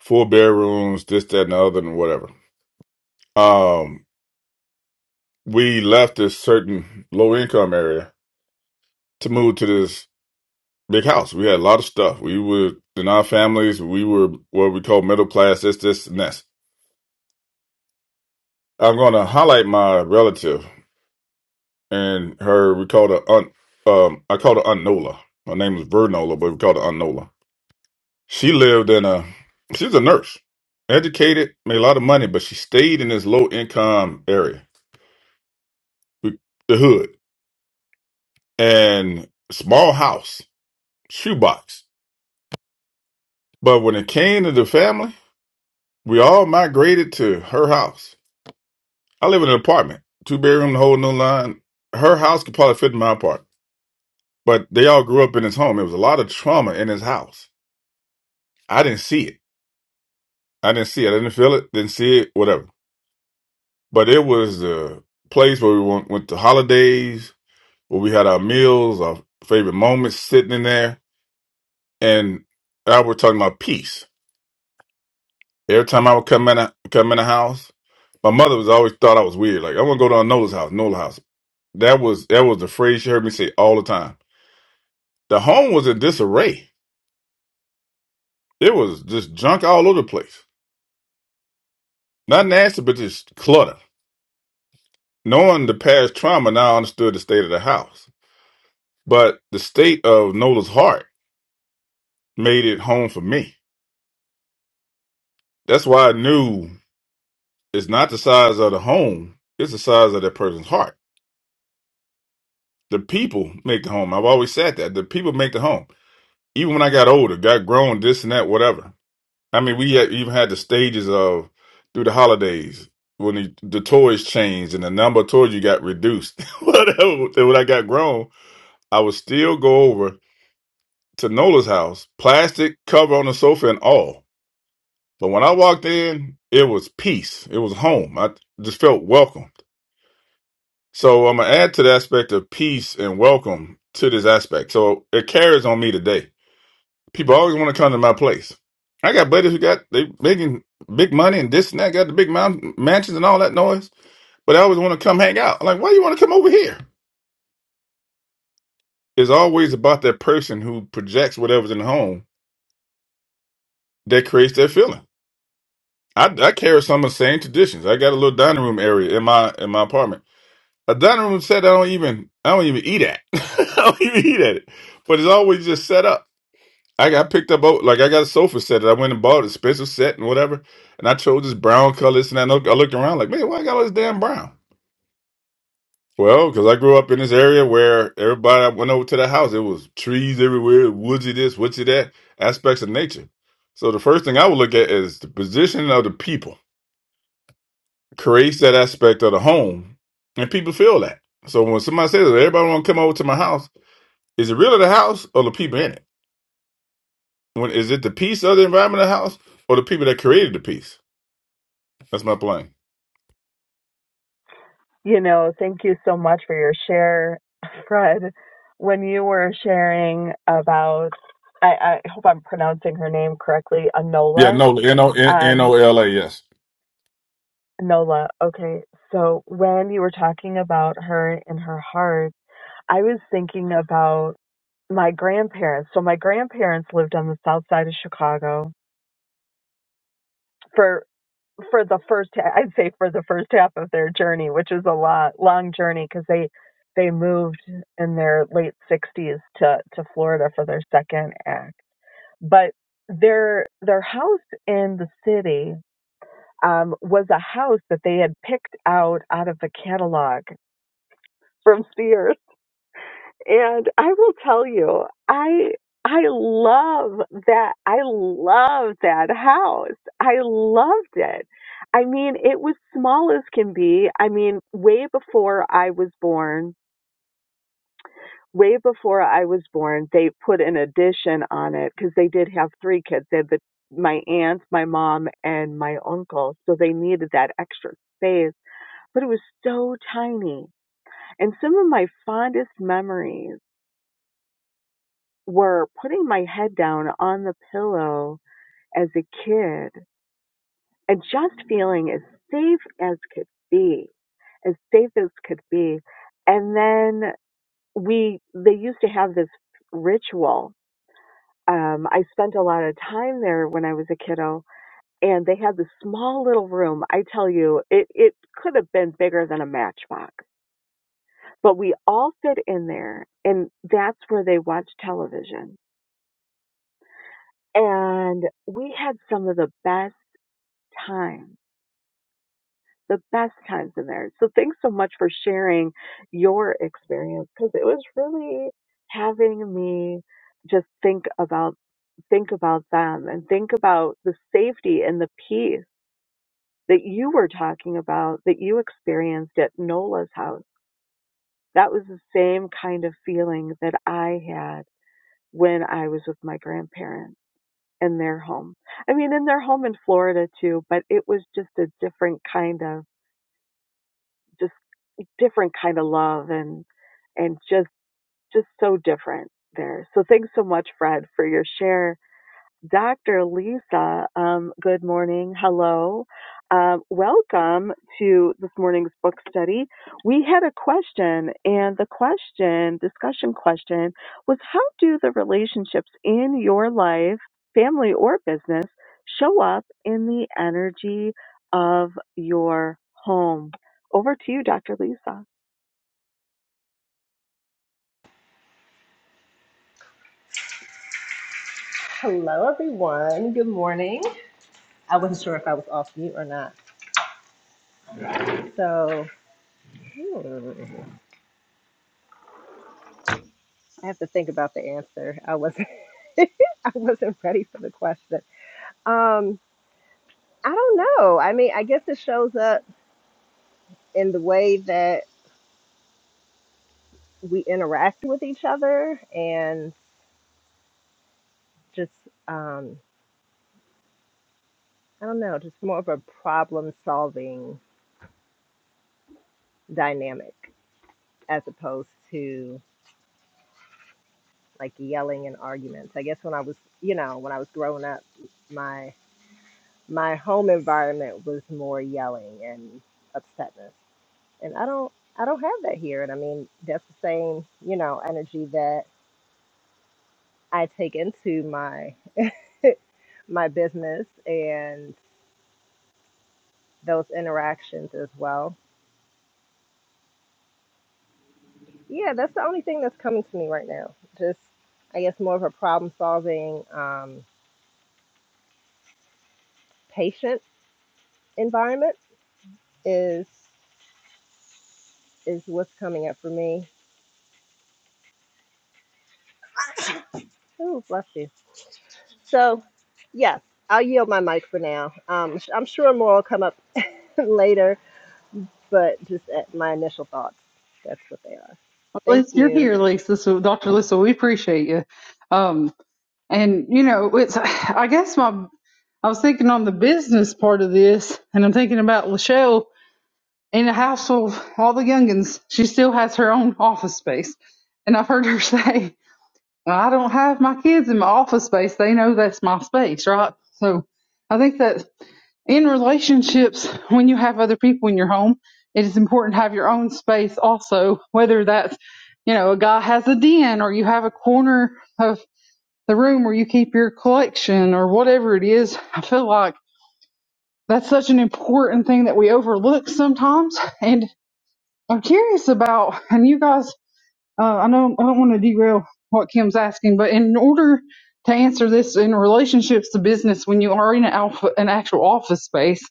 Speaker 3: four bedrooms, this, that, and the other, and whatever. Um, we left this certain low income area to move to this big house. We had a lot of stuff. We were in our families. We were what we call middle class. This, this, and this. I'm going to highlight my relative and her. We called her aunt. Um, I called her Aunt Nola. Her name was Vernola, but we called her Aunt Nola She lived in a she was a nurse, educated, made a lot of money, but she stayed in this low income area, the hood, and small house, shoebox. But when it came to the family, we all migrated to her house. I live in an apartment, two bedroom, the whole new line. Her house could probably fit in my apartment, but they all grew up in his home. There was a lot of trauma in his house. I didn't see it. I didn't see it. I didn't feel it. Didn't see it. Whatever. But it was the place where we went, went to holidays where we had our meals, our favorite moments sitting in there. And I was talking about peace. Every time I would come in, come in the house, my mother was always thought I was weird. Like, I want to go to Nola's house, Nola house. That was that was the phrase she heard me say all the time. The home was in disarray. It was just junk all over the place. Not nasty, but just clutter. Knowing the past trauma, now I understood the state of the house. But the state of Nola's heart made it home for me. That's why I knew. It's not the size of the home, it's the size of that person's heart. The people make the home. I've always said that. The people make the home. Even when I got older, got grown, this and that, whatever. I mean, we had, even had the stages of through the holidays when the, the toys changed and the number of toys you got reduced. whatever. Then When I got grown, I would still go over to Nola's house, plastic cover on the sofa and all. But when I walked in, it was peace. It was home. I just felt welcome. So I'm gonna add to the aspect of peace and welcome to this aspect. So it carries on me today. People always want to come to my place. I got buddies who got they making big money and this and that, got the big mountain mansions and all that noise, but I always want to come hang out. I'm like, why you want to come over here? It's always about that person who projects whatever's in the home that creates that feeling. I, I carry some of the same traditions. I got a little dining room area in my in my apartment. A dining room set I don't even I don't even eat at. I don't even eat at it, but it's always just set up. I got picked up oh, like I got a sofa set that I went and bought a special set and whatever, and I chose this brown color. This and that. And I looked I looked around like, man, why I got all this damn brown? Well, because I grew up in this area where everybody I went over to the house, it was trees everywhere, woodsy this, woodsy that, aspects of nature. So the first thing I would look at is the position of the people creates that aspect of the home, and people feel that. So when somebody says everybody want to come over to my house, is it really the house or the people in it? When is it the piece of the environment of the house or the people that created the piece? That's my plane.
Speaker 4: You know, thank you so much for your share, Fred. When you were sharing about, I, I hope I'm pronouncing her name correctly,
Speaker 3: Yeah,
Speaker 4: Anola.
Speaker 3: no, N O N
Speaker 4: um,
Speaker 3: O L A. Yes.
Speaker 4: Nola, okay. So when you were talking about her and her heart, I was thinking about my grandparents. So my grandparents lived on the south side of Chicago for for the first ha- I'd say for the first half of their journey, which is a lot long journey because they they moved in their late 60s to to Florida for their second act. But their their house in the city um, was a house that they had picked out out of the catalog from Sears. And I will tell you, I I love that. I love that house. I loved it. I mean, it was small as can be. I mean, way before I was born, way before I was born, they put an addition on it because they did have three kids. They had the, my aunt, my mom, and my uncle. So they needed that extra space. But it was so tiny. And some of my fondest memories were putting my head down on the pillow as a kid and just feeling as safe as could be, as safe as could be. And then we, they used to have this ritual. Um, I spent a lot of time there when I was a kiddo, and they had this small little room. I tell you, it, it could have been bigger than a matchbox, but we all fit in there, and that's where they watched television. And we had some of the best time, the best times in there. So thanks so much for sharing your experience because it was really having me just think about think about them and think about the safety and the peace that you were talking about that you experienced at Nola's house. That was the same kind of feeling that I had when I was with my grandparents in their home. I mean, in their home in Florida too, but it was just a different kind of just. different kind of love and and just just so different there. So thanks so much, Fred, for your share. Dr. Lisa, um, good morning. Hello. Um, welcome to this morning's book study. We had a question, and the question, discussion question, was how do the relationships in your life, family, or business show up in the energy of your home? Over to you, Dr. Lisa.
Speaker 6: Hello, everyone. Good morning. I wasn't sure if I was off mute or not. So hmm, I have to think about the answer. I wasn't. I wasn't ready for the question. Um, I don't know. I mean, I guess it shows up in the way that we interact with each other, and just um, I don't know, just more of a problem-solving dynamic as opposed to like yelling and arguments. I guess when I was, you know, when I was growing up. my home environment was more yelling and upsetness. And I don't I don't have that here. And I mean that's the same, you know, energy that I take into my my business and those interactions as well. Yeah, that's the only thing that's coming to me right now. Just I guess more of a problem solving um patient environment is is what's coming up for me. Ooh, bless you. So, yes, I'll yield my mic for now. Um, I'm sure more will come up later, but just at my initial thoughts, that's what they are.
Speaker 5: Well,
Speaker 6: Thank
Speaker 5: Liz, you're
Speaker 6: you.
Speaker 5: here, Lisa. So, Dr. Lisa, we appreciate you. Um, and you know, it's I guess my I was thinking on the business part of this, and I'm thinking about Lachelle in the house of all the youngins. She still has her own office space, and I've heard her say, "I don't have my kids in my office space. They know that's my space, right?" So, I think that in relationships, when you have other people in your home, it is important to have your own space also, whether that's, you know, a guy has a den or you have a corner of the room where you keep your collection or whatever it is. I feel like that's such an important thing that we overlook sometimes. And I'm curious about, and you guys, uh, I know I don't want to derail what Kim's asking, but in order to answer this in relationships to business, when you are in an, alpha, an actual office space,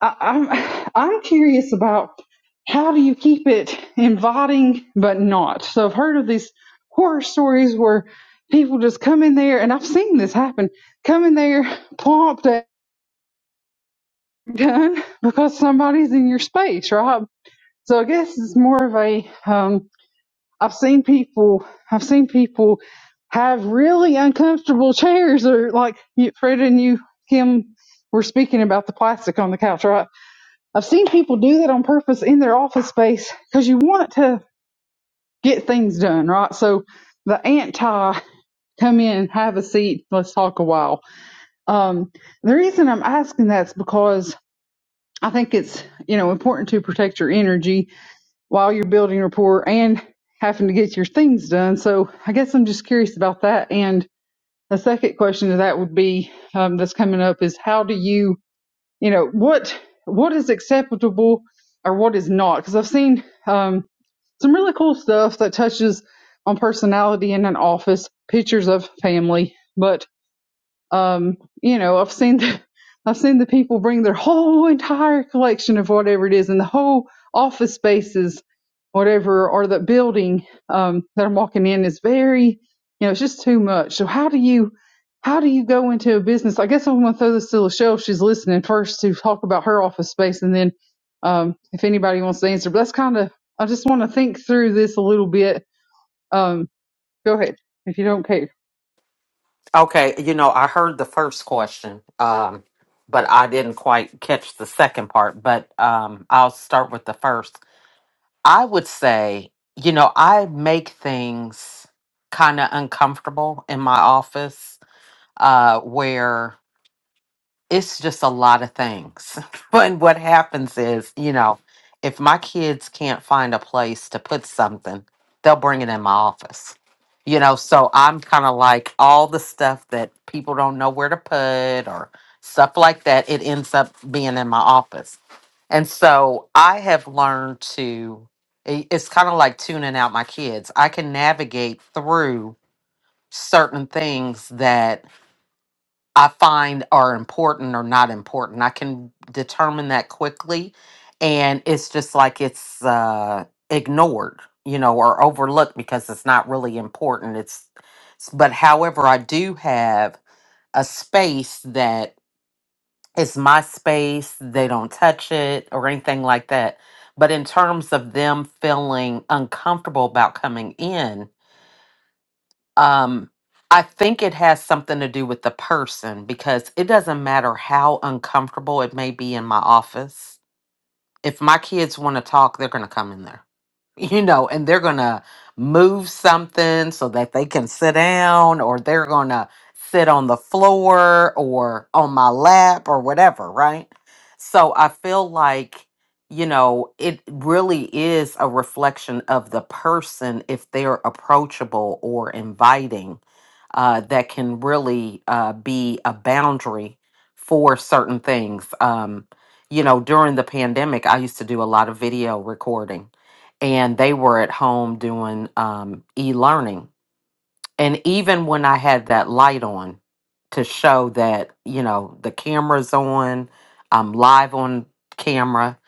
Speaker 5: I, I'm I'm curious about how do you keep it inviting but not. So I've heard of these horror stories where people just come in there, and I've seen this happen. Come in there, plopped and done because somebody's in your space, right? So I guess it's more of a. Um, I've seen people. I've seen people have really uncomfortable chairs, or like you, Fred and you, Kim, were speaking about the plastic on the couch, right? I've seen people do that on purpose in their office space because you want to get things done, right? So the anti come in, have a seat, let's talk a while. Um, the reason I'm asking that's because I think it's you know important to protect your energy while you're building rapport and having to get your things done. So I guess I'm just curious about that. And the second question to that would be um, that's coming up is how do you you know what what is acceptable or what is not because i've seen um, some really cool stuff that touches on personality in an office pictures of family but um, you know, I've seen the, I've seen the people bring their whole entire collection of whatever it is and the whole office spaces, whatever, or the building um, that I'm walking in is very, you know, it's just too much. So how do you, how do you go into a business? I guess I'm going to throw this to Lachelle. if She's listening first to talk about her office space, and then um, if anybody wants to answer. But that's kind of, I just want to think through this a little bit. Um, go ahead if you don't care.
Speaker 1: Okay. You know, I heard the first question, um, but I didn't quite catch the second part. But um, I'll start with the first. I would say, you know, I make things kind of uncomfortable in my office uh, where it's just a lot of things. and what happens is, you know, if my kids can't find a place to put something, they'll bring it in my office. You know, so I'm kind of like all the stuff that people don't know where to put or stuff like that, it ends up being in my office. And so I have learned to, i- it's kind of like tuning out my kids. I can navigate through certain things that I find are important or not important. I can determine that quickly. And it's just like it's uh, ignored, you know, or overlooked because it's not really important. It's, s- but however, I do have a space that is my space. They don't touch it or anything like that. But in terms of them feeling uncomfortable about coming in, um, I think it has something to do with the person because it doesn't matter how uncomfortable it may be in my office. If my kids want to talk, they're going to come in there you know, and they're going to move something so that they can sit down or they're going to sit on the floor or on my lap or whatever, right? So I feel like, you know, it really is a reflection of the person if they're approachable or inviting. Uh, that can really uh, be a boundary for certain things. Um, you know, during the pandemic, I used to do a lot of video recording and they were at home doing um, e-learning and even when i had that light on to show that you know the camera's on i'm live on camera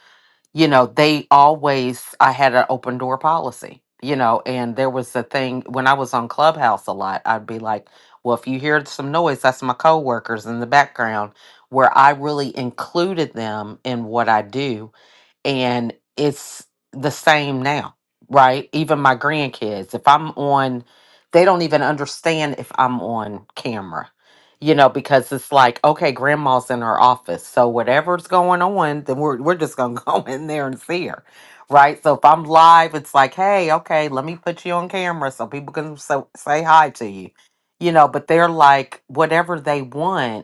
Speaker 1: you know they always i had an open door policy you know and there was a thing when i was on clubhouse a lot i'd be like well if you hear some noise that's my coworkers in the background where i really included them in what i do and it's the same now, right? Even my grandkids, if I'm on, they don't even understand if I'm on camera, you know, because it's like, okay, grandma's in her office, so whatever's going on, then we're we're just gonna go in there and see her, right? So if I'm live, it's like, hey, okay, let me put you on camera so people can so, say hi to you, you know. But they're like, whatever they want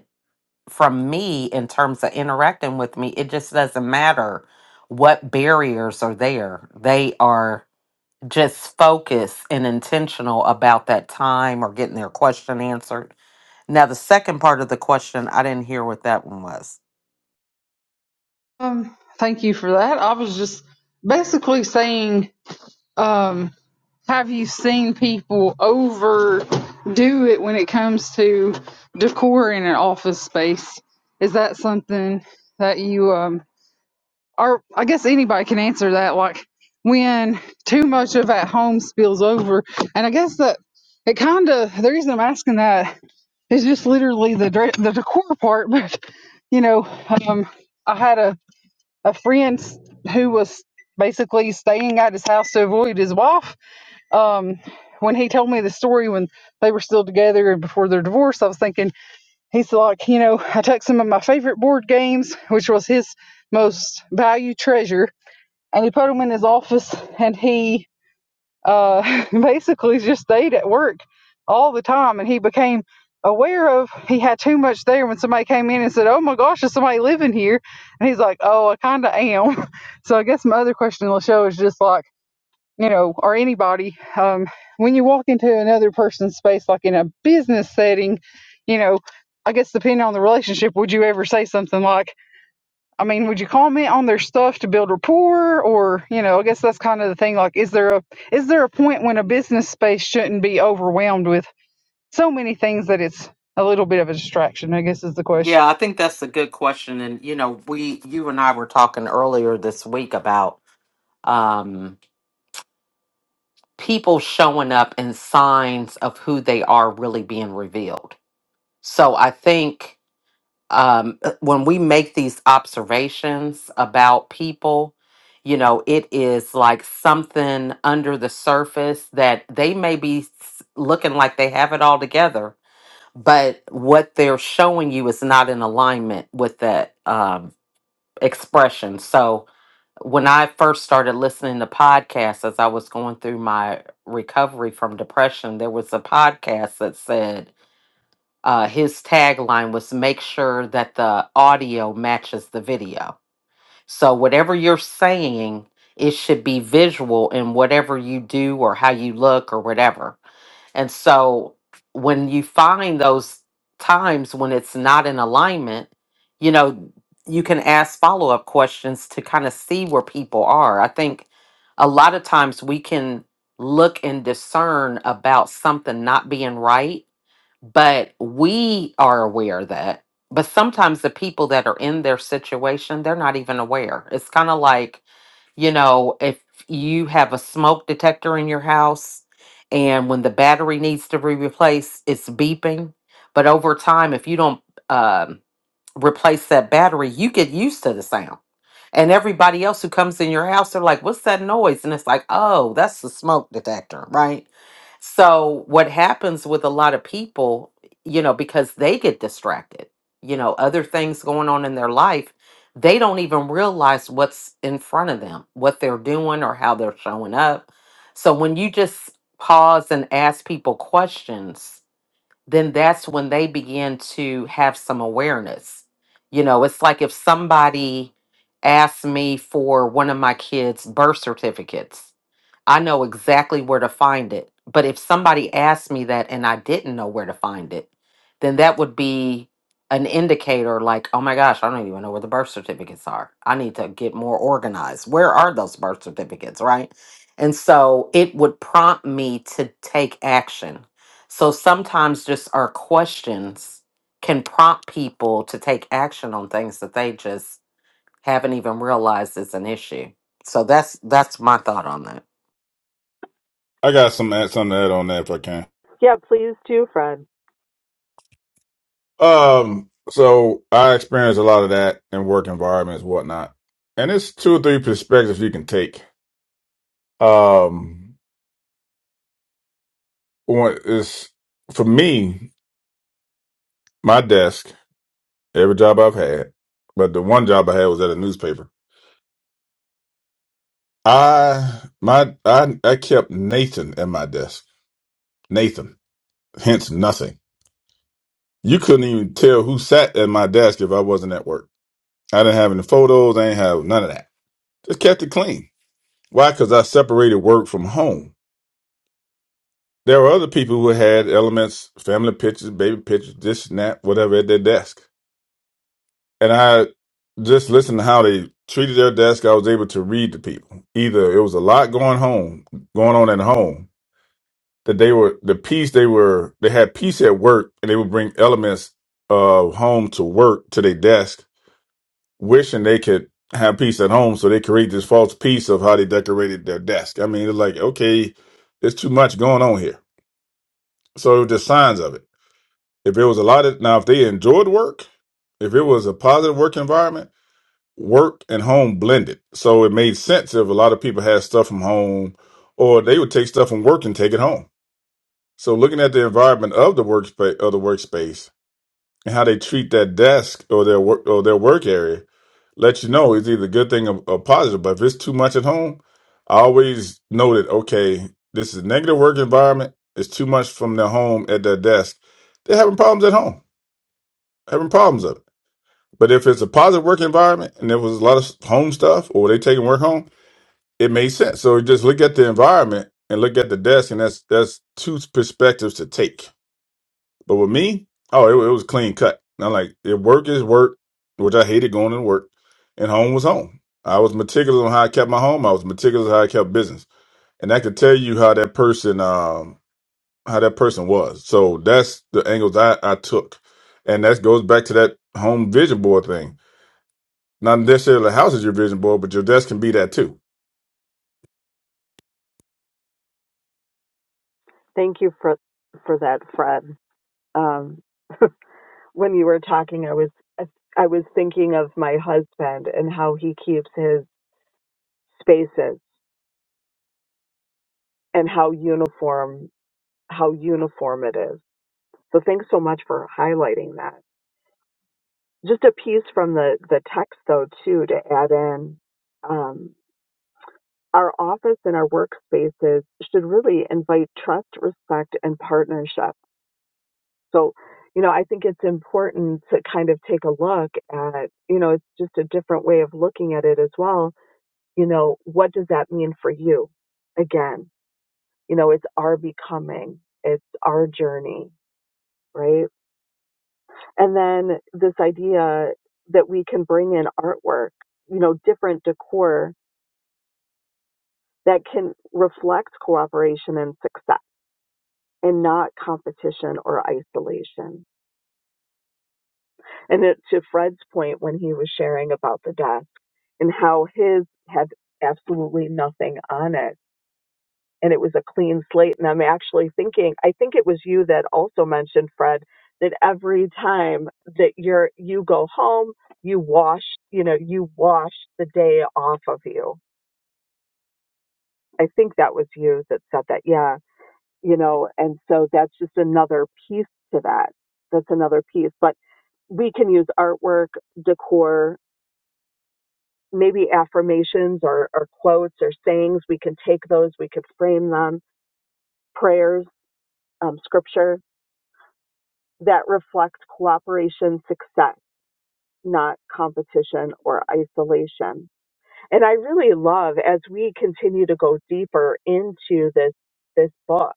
Speaker 1: from me in terms of interacting with me. It just doesn't matter what barriers are there. They are just focused and intentional about that time or getting their question answered. Now, the second part of the question, I didn't hear what that one was.
Speaker 5: Um, thank you for that. I was just basically saying, um, have you seen people overdo it when it comes to decor in an office space? Is that something that you um or I guess anybody can answer that, like when too much of at home spills over. And I guess that it kind of the reason I'm asking that is just literally the dre- the decor part, but you know, um, I had a a friend s- who was basically staying at his house to avoid his wife. Um, when he told me the story when they were still together and before their divorce, I was thinking he's like, you know, I took some of my favorite board games, which was his most valued treasure, and he put them in his office, and he uh, basically just stayed at work all the time. And he became aware of he had too much there when somebody came in and said, Oh my gosh, is somebody living here? And he's like, Oh, I kind of am. so I guess my other question on the show is just like, you know, or anybody, um, when you walk into another person's space, like in a business setting, you know, I guess depending on the relationship, would you ever say something like, I mean, would you comment on their stuff to build rapport, or you know, I guess that's kind of the thing. Like, is there a is there a point when a business space shouldn't be overwhelmed with so many things that it's a little bit of a distraction? I guess is the question.
Speaker 1: Yeah, I think that's a good question. And, you know, we, you and I were talking earlier this week about um, people showing up and signs of who they are really being revealed. So I think um, uh, when we make these observations about people, you know, it is like something under the surface that they may be s- looking like they have it all together, but what they're showing you is not in alignment with that um, expression. So when I first started listening to podcasts as I was going through my recovery from depression, there was a podcast that said, uh, his tagline was make sure that the audio matches the video. So whatever you're saying, it should be visual in whatever you do or how you look or whatever. And so when you find those times when it's not in alignment, you know, you can ask follow up questions to kind of see where people are. I think a lot of times we can look and discern about something not being right but we are aware of that but sometimes the people that are in their situation they're not even aware it's kind of like you know if you have a smoke detector in your house and when the battery needs to be replaced it's beeping but over time if you don't um, replace that battery you get used to the sound and everybody else who comes in your house, they're like, what's that noise? And it's like, oh, that's the smoke detector, right? So, what happens with a lot of people, you know, because they get distracted, you know, other things going on in their life, they don't even realize what's in front of them, what they're doing or how they're showing up. So, when you just pause and ask people questions, then that's when they begin to have some awareness. You know, it's like if somebody asked me for one of my kids' birth certificates, I know exactly where to find it. But if somebody asked me that and I didn't know where to find it, then that would be an indicator like, oh my gosh, I don't even know where the birth certificates are. I need to get more organized. Where are those birth certificates, right? And so it would prompt me to take action. So sometimes just our questions can prompt people to take action on things that they just haven't even realized is an issue. So that's that's my thought on that.
Speaker 3: I got some add something to add on that if I can.
Speaker 4: Yeah, please do, Fred.
Speaker 3: Um, so I experience a lot of that in work environments, whatnot, and it's two or three perspectives you can take. Um, one is for me, my desk, every job I've had, but the one job I had was at a newspaper. I my I I kept Nathan at my desk. Nathan, hence nothing. You couldn't even tell who sat at my desk if I wasn't at work. I didn't have any photos. I ain't have none of that. Just kept it clean. Why? Because I separated work from home. There were other people who had elements, family pictures, baby pictures, this and that, whatever at their desk. And I just listened to how they treated their desk. I was able to read the people. Either it was a lot going home, going on at home, that they were the peace they were they had peace at work and they would bring elements of home to work to their desk wishing they could have peace at home so they create this false peace of how they decorated their desk. I mean, it's like, okay, there's too much going on here. So the signs of it. If it was a lot of now, if they enjoyed work, if it was a positive work environment, work and home blended. So it made sense if a lot of people had stuff from home or they would take stuff from work and take it home. So looking at the environment of the workspace of the workspace and how they treat that desk or their work or their work area let you know it's either a good thing or, or positive. But if it's too much at home, I always know that okay, this is a negative work environment. It's too much from their home at their desk. They're having problems at home, having problems of it. But if it's a positive work environment and there was a lot of home stuff or they taking work home, it made sense. So just look at the environment and look at the desk, and that's that's two perspectives to take. But with me, oh, it, wa- it was clean cut. And I'm like, if work is work, which I hated going to work, and home was home. I was meticulous on how I kept my home. I was meticulous on how I kept business, and I could tell you how that person, um, how that person was. So that's the angles I, I took, and that goes back to that home vision board thing. Not necessarily the house is your vision board, but your desk can be that too.
Speaker 4: Thank you for for that, Fred. Um, when you were talking, I was I was thinking of my husband and how he keeps his spaces and how uniform how uniform it is. So thanks so much for highlighting that. Just a piece from the the text though too to add in. Um, our office and our workspaces should really invite trust, respect, and partnership So, you know, I think it's important to kind of take a look at, you know, it's just a different way of looking at it as well. You know, what does that mean for you? Again, you know, it's our becoming, it's our journey, right? And then this idea that we can bring in artwork, you know, different decor that can reflect cooperation and success and not competition or isolation. And it, to Fred's point when he was sharing about the desk and how his had absolutely nothing on it. And it was a clean slate. And I'm actually thinking, I think it was you that also mentioned, Fred, that every time that you're, you go home, you wash, you know, you wash the day off of you. I think that was you that said that. Yeah. You know, and so that's just another piece to that. That's another piece. But we can use artwork, decor, maybe affirmations or, or quotes or sayings. We can take those, we could frame them, prayers, um, scripture that reflects cooperation, success, not competition or isolation. And I really love as we continue to go deeper into this, this book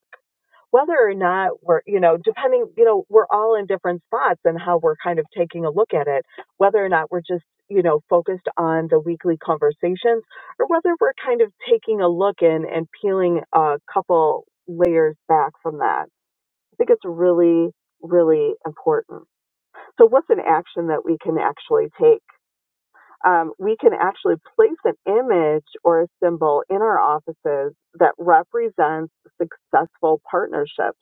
Speaker 4: whether or not we're, you know, depending, you know, we're all in different spots and how we're kind of taking a look at it, whether or not we're just, you know, focused on the weekly conversations or whether we're kind of taking a look in and peeling a couple layers back from that. I think it's really, really important. So, what's an action that we can actually take? Um, we can actually place an image or a symbol in our offices that represents successful partnerships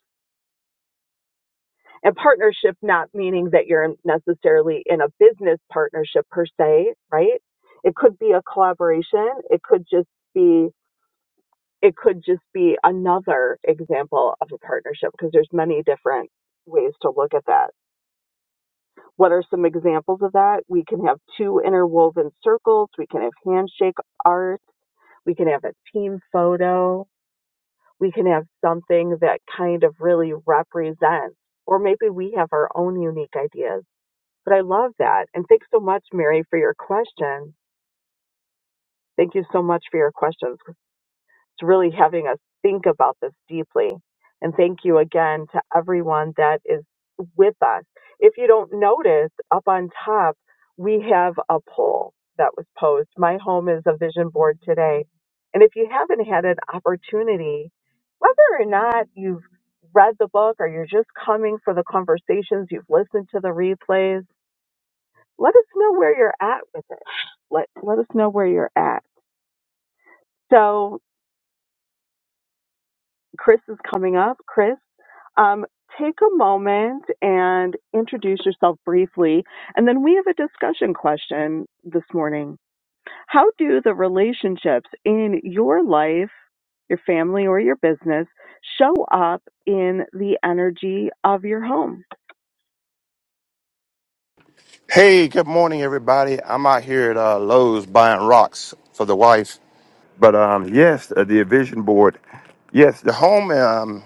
Speaker 4: And partnership not meaning that you're necessarily in a business partnership per se, right? It could be a collaboration. It could just be it could just be another example of a partnership because there's many different ways to look at that. What are some examples of that? We can have two interwoven circles, we can have handshake art, we can have a team photo, we can have something that kind of really represents or maybe we have our own unique ideas But I love that. And thanks so much, Mary, for your question. Thank you so much for your questions. It's really having us think about this deeply. And thank you again to everyone that is with us. If you don't notice, up on top, we have a poll that was posed. My home is a vision board today. And if you haven't had an opportunity, whether or not you've read the book or you're just coming for the conversations, you've listened to the replays, let us know where you're at with it. Let let us know where you're at. So Chris is coming up. Chris, um, take a moment and introduce yourself briefly, and then we have a discussion question this morning. How do the relationships in your life, your family, or your business show up in the energy of your home?
Speaker 7: Hey, good morning, everybody. I'm out here at uh, Lowe's buying rocks for the wife. But um, yes, uh, the vision board. Yes, the home. Um,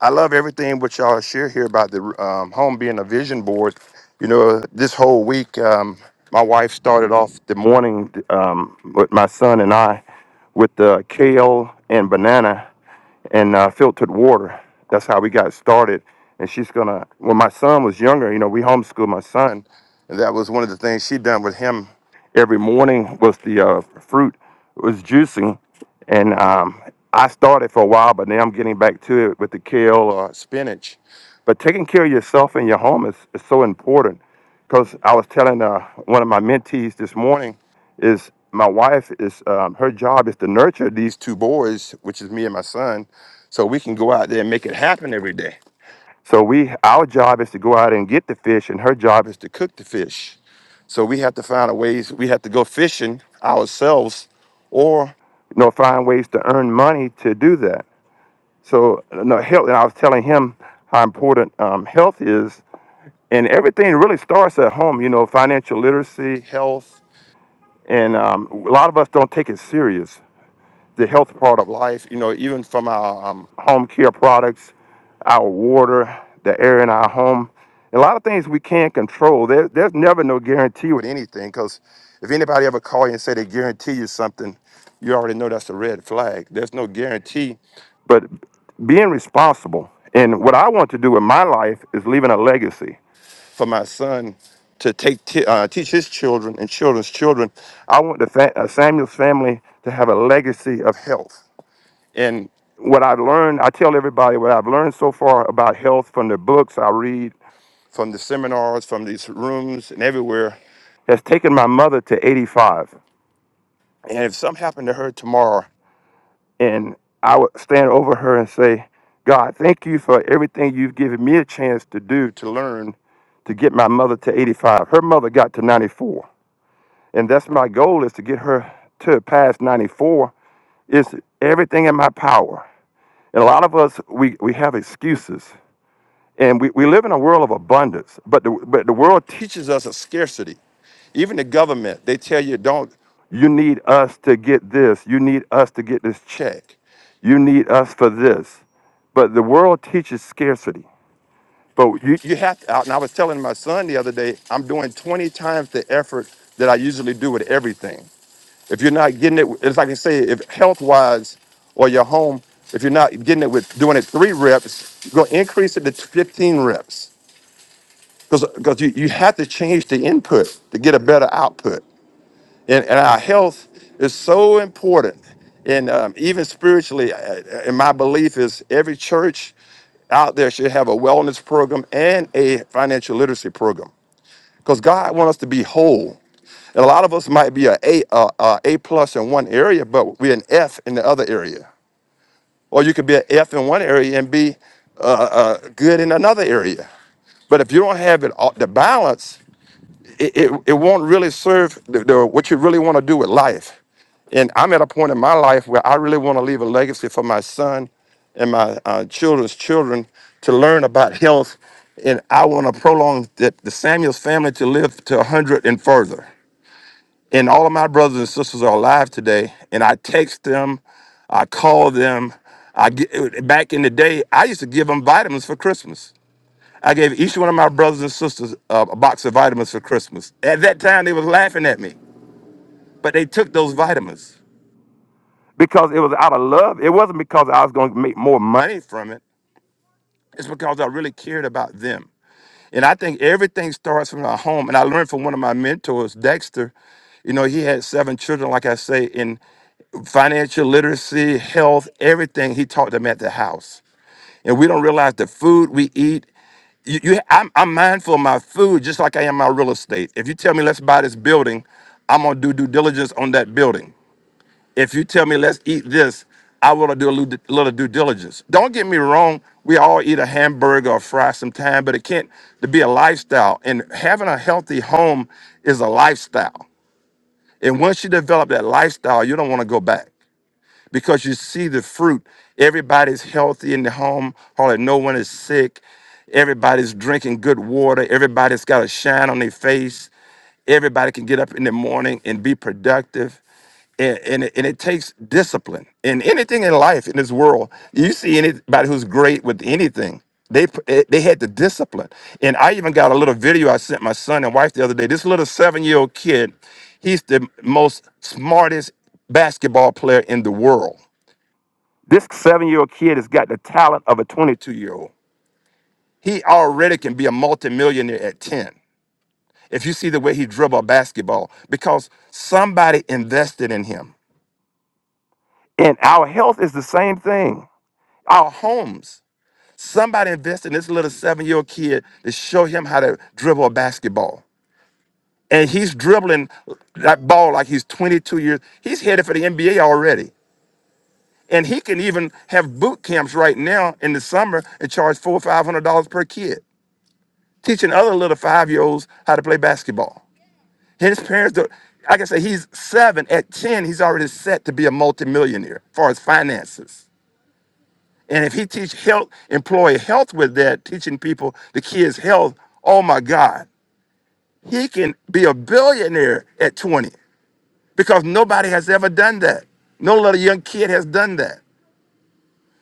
Speaker 7: I love everything what y'all share here about the um, home being a vision board. You know, this whole week, um, my wife started off the morning um, with my son and I with uh, kale and banana and uh, filtered water. That's how we got started. And she's gonna. When my son was younger, you know, we homeschooled my son, and that was one of the things she done with him. Every morning was the uh, fruit was juicing, and um, I started for a while, but now I'm getting back to it with the kale or spinach. But taking care of yourself and your home is, is so important. Because I was telling uh, one of my mentees this morning is my wife is um, her job is to nurture these two boys, which is me and my son, so we can go out there and make it happen every day. So we our job is to go out and get the fish, and her job is to cook the fish. So we have to find a ways. We have to go fishing ourselves, or you know, find ways to earn money to do that. So you know, health. And I was telling him how important um, health is, and everything really starts at home. You know, financial literacy, health and um, a lot of us don't take it serious. The health part of life, you know, even from our um, home care products, our water, the air in our home, a lot of things we can't control. There, there's never no guarantee with anything because if anybody ever call you and say they guarantee you something, you already know that's a red flag. There's no guarantee, but being responsible and what I want to do in my life is leaving a legacy for my son to take t- uh, teach his children and children's children. I want the fa- uh, Samuel's family to have a legacy of health. And what I've learned, I tell everybody what I've learned so far about health from the books I read, from the seminars, from these rooms, and everywhere has taken my mother to 85. And if something happened to her tomorrow, and I would stand over her and say, God, thank you for everything you've given me a chance to do to learn to get my mother to 85. Her mother got to 94. And that's my goal is to get her to past 94 It's everything in my power. And a lot of us we, we have excuses. And we, we live in a world of abundance, but the, but the world teaches us a scarcity. Even the government, they tell you, don't, you need us to get this. You need us to get this check. You need us for this. But the world teaches scarcity. But you, you have to, and I was telling my son the other day, I'm doing 20 times the effort that I usually do with everything. If you're not getting it, it's like I say, if health wise or your home, if you're not getting it with doing it three reps, go increase it to 15 reps because you, you have to change the input to get a better output and, and our health is so important and um, even spiritually uh, and my belief is every church out there should have a wellness program and a financial literacy program because god wants us to be whole and a lot of us might be a a, uh, uh, a plus in one area but we're an f in the other area or you could be an f in one area and be uh, uh, good in another area but if you don't have it all, the balance it, it, it won't really serve the, the, what you really want to do with life. And I'm at a point in my life where I really want to leave a legacy for my son and my uh, children's children to learn about health. And I want to prolong that the Samuels family to live to 100 and further. And all of my brothers and sisters are alive today. And I text them, I call them. I get, back in the day, I used to give them vitamins for Christmas. I gave each one of my brothers and sisters uh, a box of vitamins for Christmas. At that time, they was laughing at me, but they took those vitamins because it was out of love. It wasn't because I was going to make more money from it. It's because I really cared about them. And I think everything starts from our home. And I learned from one of my mentors, Dexter. You know, he had seven children, like I say, in financial literacy, health, everything. He taught them at the house. And we don't realize the food we eat. You, you, I'm, I'm mindful of my food just like I am my real estate. If you tell me let's buy this building, I'm gonna do due diligence on that building. If you tell me let's eat this, I want to do a little, little due diligence. Don't get me wrong. We all eat a hamburger or fry sometime, but it can't to be a lifestyle. And having a healthy home is a lifestyle. And once you develop that lifestyle, you don't want to go back because you see the fruit. Everybody's healthy in the home, hardly no one is sick. Everybody's drinking good water. Everybody's got a shine on their face. Everybody can get up in the morning and be productive. And, and, it, and it takes discipline. And anything in life, in this world, you see anybody who's great with anything, they, p- eh, they had the discipline. And I even got a little video I sent my son and wife the other day. This little seven year old kid, he's the most smartest basketball player in the world. This seven year old kid has got the talent of a 22 year old. He already can be a multimillionaire at 10. If you see the way he dribble a basketball, because somebody invested in him. And our health is the same thing. Our homes. Somebody invested in this little seven year old kid to show him how to dribble a basketball. And he's dribbling that ball like he's 22 years. He's headed for the NBA already. And he can even have boot camps right now in the summer and charge four or five hundred dollars per kid, teaching other little five year olds how to play basketball. His parents don't like I say, he's seven. At ten, he's already set to be a multimillionaire as far as finances. And if he teach health, employee health with that, teaching people the kids' health, oh my God, he can be a billionaire at 20 because nobody has ever done that. No little young kid has done that.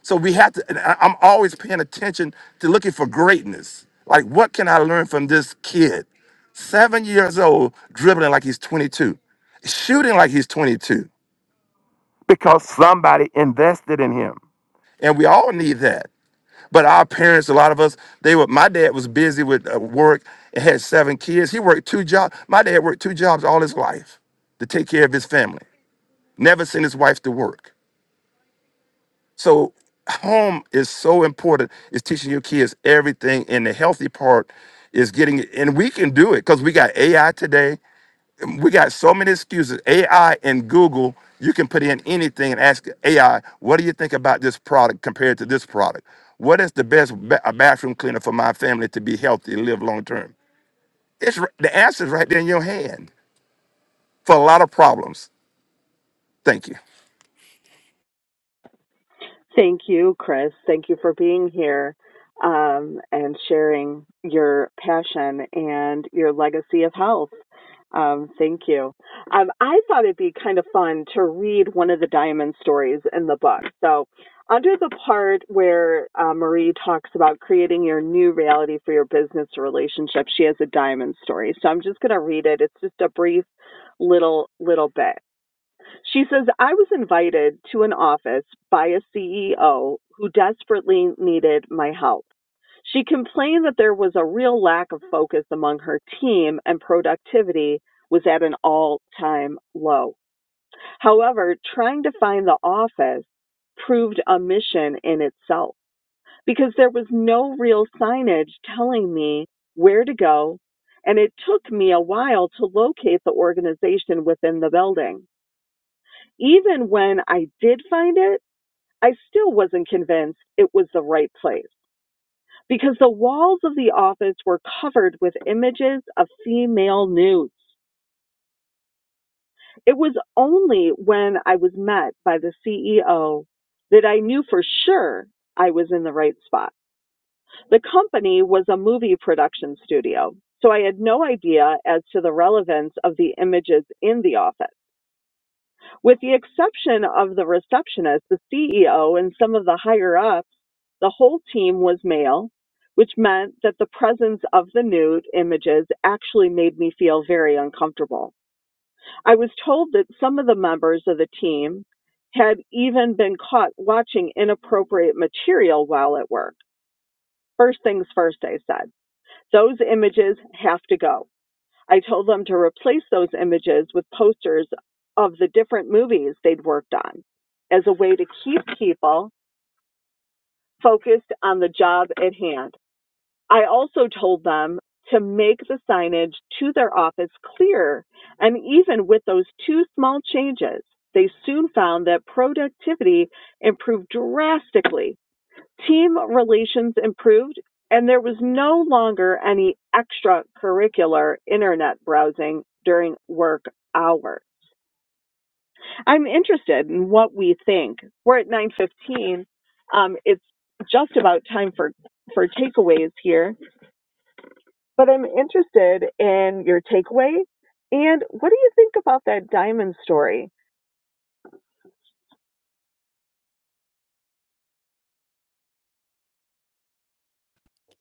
Speaker 7: So we have to, and I- I'm always paying attention to looking for greatness. Like, what can I learn from this kid? Seven years old, dribbling like he's 22, shooting like he's 22, because somebody invested in him. And we all need that. But our parents, a lot of us, they were, my dad was busy with uh, work and had seven kids. He worked two jobs. My dad worked two jobs all his life to take care of his family, never sent his wife to work. So home is so important. It's teaching your kids everything, and the healthy part is getting it. And we can do it because we got AI today. We got so many excuses. AI and Google, you can put in anything and ask AI, "What do you think about this product compared to this product? What is the best ba- a bathroom cleaner for my family to be healthy and live long term?" It's r- the answer's right there in your hand for a lot of problems. Thank you.
Speaker 4: Thank you, Chris. Thank you for being here um, and sharing your passion and your legacy of health. Um, thank you. Um, I thought it'd be kind of fun to read one of the diamond stories in the book. So, under the part where uh, Marie talks about creating your new reality for your business relationship, she has a diamond story. So I'm just going to read it. It's just a brief little little bit. She says, I was invited to an office by a CEO who desperately needed my help. She complained that there was a real lack of focus among her team and productivity was at an all time low. However, trying to find the office proved a mission in itself because there was no real signage telling me where to go, and it took me a while to locate the organization within the building even when I did find it, I still wasn't convinced it was the right place because the walls of the office were covered with images of female nudes. It was only when I was met by the CEO that I knew for sure I was in the right spot. The company was a movie production studio, so I had no idea as to the relevance of the images in the office. With the exception of the receptionist, the CEO, and some of the higher ups, the whole team was male, which meant that the presence of the nude images actually made me feel very uncomfortable. I was told that some of the members of the team had even been caught watching inappropriate material while at work. First things first, I said. Those images have to go. I told them to replace those images with posters of the different movies they'd worked on as a way to keep people focused on the job at hand. I also told them to make the signage to their office clear. And even with those two small changes, they soon found that productivity improved drastically Team relations improved, and there was no longer any extracurricular internet browsing during work hours. I'm interested in what we think. We're at 9:15. Um, it's just about time for for takeaways here, but I'm interested in your takeaway. And what do you think about that diamond story?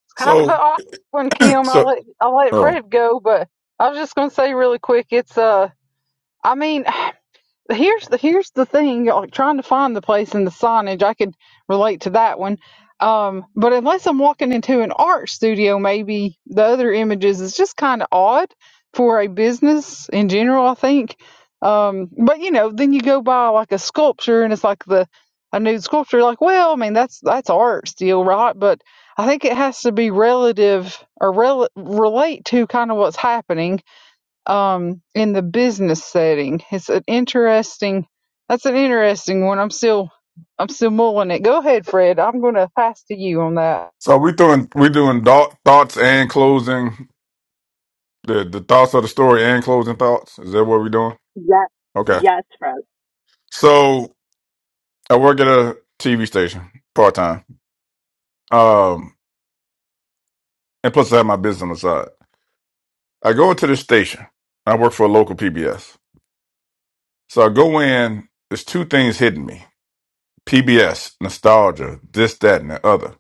Speaker 5: It's kind of an
Speaker 3: So,
Speaker 5: awkward one, Kim. I
Speaker 3: so,
Speaker 5: let I let
Speaker 3: oh,
Speaker 5: Fred go, but I was just gonna say really quick. It's uh, I mean, here's the here's the thing like trying to find the place in the signage i could relate to that one um but unless i'm walking into an art studio maybe the other images is just kind of odd for a business in general i think um but you know then you go by like a sculpture and it's like the a nude sculpture like well i mean that's that's art still right but i think it has to be relative or rel- relate to kind of what's happening um, in the business setting. It's an interesting. That's an interesting one. I'm still, I'm still mulling it. Go ahead, Fred. I'm going to pass to you on that.
Speaker 3: so we doing we doing thought, thoughts and closing the the thoughts of the story and closing thoughts. Is that what we doing?
Speaker 4: Yes,
Speaker 3: Okay.
Speaker 4: yes, Fred.
Speaker 3: So I work at a TV station part time. Um, and plus I have my business on the side. I go into this station. I work for a local PBS. So I go in, there's two things hitting me. PBS, nostalgia, this, that, and the other.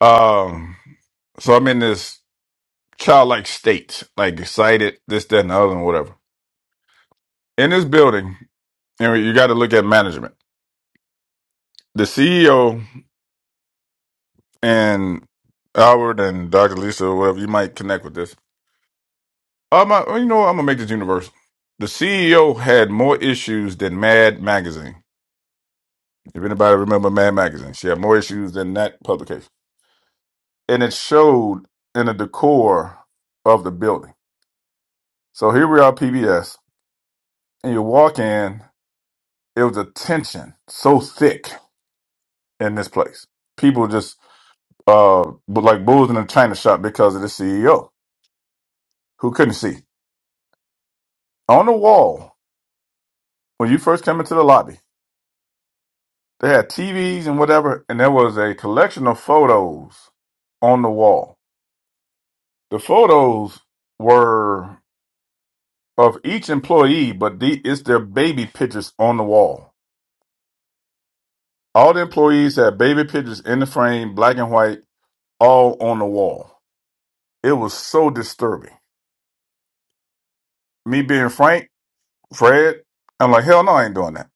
Speaker 3: Um, so I'm in this childlike state, like excited, this, that, and the other, and whatever. In this building, you, know, you got to look at management. The CEO and Howard and Dr. Lisa, or whatever, you might connect with this Um, I, you know, what? I'm gonna make this universal. The CEO had more issues than Mad Magazine. If anybody remember Mad Magazine, she had more issues than that publication, and it showed in the decor of the building. So here we are, PBS, and you walk in. It was a tension so thick in this place. People just uh but like bulls in a china shop because of the CEO who couldn't see on the wall when you first came into the lobby. They had TVs and whatever, and there was a collection of photos on the wall. The photos were of each employee, but the, it's their baby pictures on the wall. All the employees had baby pictures in the frame, black and white, all on the wall. It was so disturbing. Me being frank, Fred, I'm like, hell no, I ain't doing that.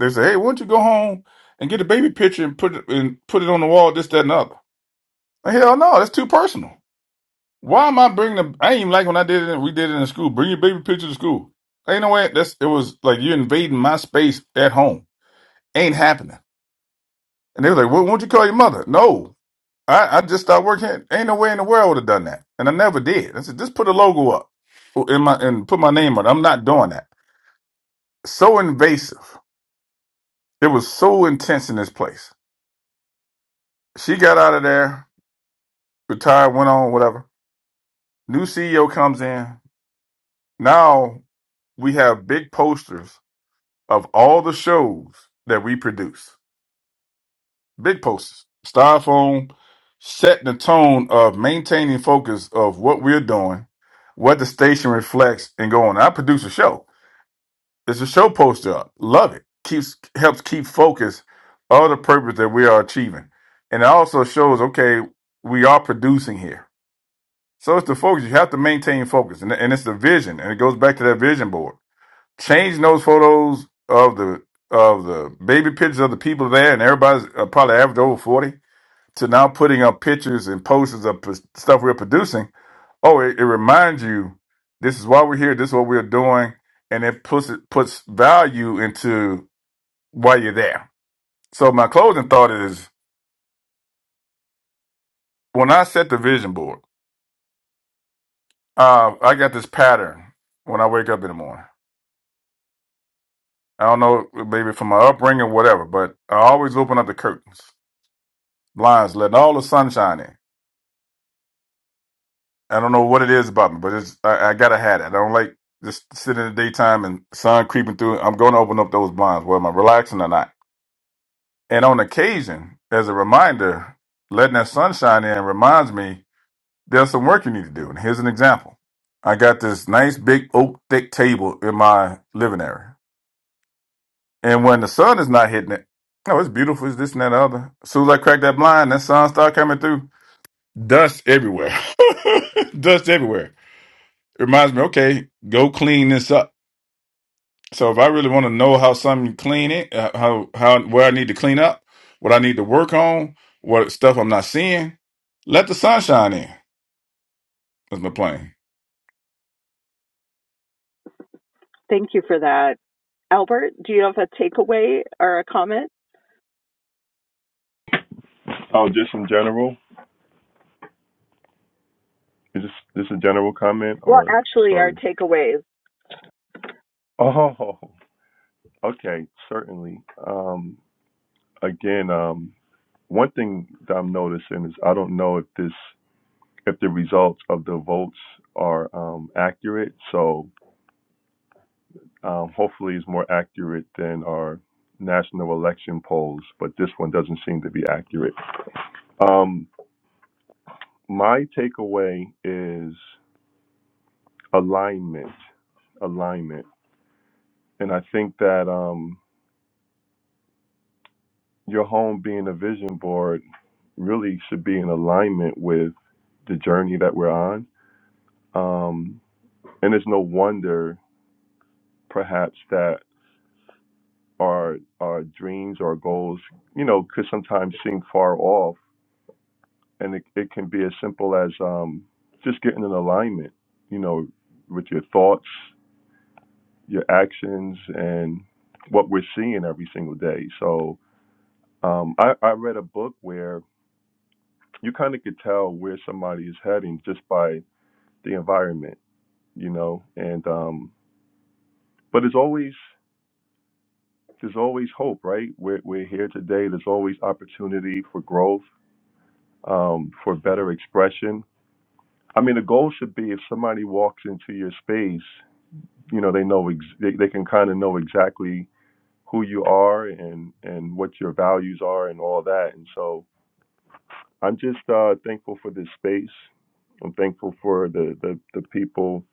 Speaker 3: They say, hey, why don't you go home and get a baby picture and put it and put it on the wall, this, that, and the other. Like, hell no, that's too personal. Why am I bringing the? I ain't even like when I did it. We did it in school. Bring your baby picture to school. Ain't no way. That's it was like you invading my space at home. Ain't happening. And they was like, "Well, won't you call your mother?" No, I, I just started working. here. Ain't no way in the world I would have done that, and I never did. I said, just put a logo up in my and put my name on. it. I'm not doing that. So invasive. It was so intense in this place. She got out of there, retired, went on, whatever. New CEO comes in. Now we have big posters of all the shows that we produce. Big posters, styrofoam, setting the tone of maintaining focus of what we're doing, what the station reflects, and going. I produce a show. It's a show poster. up. Love it. Keeps helps keep focus of the purpose that we are achieving, and it also shows okay we are producing here. So it's the focus. You have to maintain focus, and, and it's the vision, and it goes back to that vision board changing those photos of the of the baby pictures of the people there, and everybody's uh, probably average over forty, to now putting up pictures and posters of p- stuff we're producing. Oh, it, it reminds you this is why we're here. This is what we're doing, and it puts it puts value into why you're there. So my closing thought is when I set the vision board, uh, I got this pattern when I wake up in the morning. I don't know, maybe from my upbringing, whatever, but I always open up the curtains blinds, letting all the sunshine in. I don't know what it is about me, but it's I, I gotta have it. I don't like just sitting in the daytime and sun creeping through. I'm going to open up those blinds, whether I'm relaxing or not. And on occasion, as a reminder, letting that sunshine in reminds me there's some work you need to do. And here's an example. I got this nice big oak thick table in my living area, and when the sun is not hitting it, oh, it's beautiful. It's this and that and the other. As soon as I crack that blind, that sun start coming through. Dust everywhere. dust everywhere it reminds me, okay, go clean this up. So if I really want to know how something clean it, uh, how how where I need to clean up, what I need to work on, what stuff I'm not seeing, let the sunshine in. That's my plan.
Speaker 4: Thank you for that, Albert. Do you have a takeaway or a comment?
Speaker 2: Oh, just in general. Is this this a general comment
Speaker 4: Well,
Speaker 2: or
Speaker 4: actually, our
Speaker 2: sorry?
Speaker 4: takeaways.
Speaker 2: Oh, okay, certainly. Um, again, um, one thing that I'm noticing is I don't know if this if the results of the votes are um accurate. So um, hopefully is more accurate than our national election polls, but this one doesn't seem to be accurate. Um, my takeaway is alignment, alignment, and I think that um, your home being a vision board really should be in alignment with the journey that we're on. Um, and it's no wonder, perhaps, that our our dreams, our goals, you know, could sometimes seem far off and it, it can be as simple as um, just getting in alignment, you know, with your thoughts, your actions, and what we're seeing every single day. So um, I, I read a book where you kind of could tell where somebody is heading just by the environment, you know, and um, but it's always there's always hope, right? We're we're here today. There's always opportunity for growth, um, for better expression. I mean, the goal should be if somebody walks into your space you know they know ex- they, they can kind of know exactly who you are and and what your values are and all that and so i'm just uh thankful for this space i'm thankful for the the, the people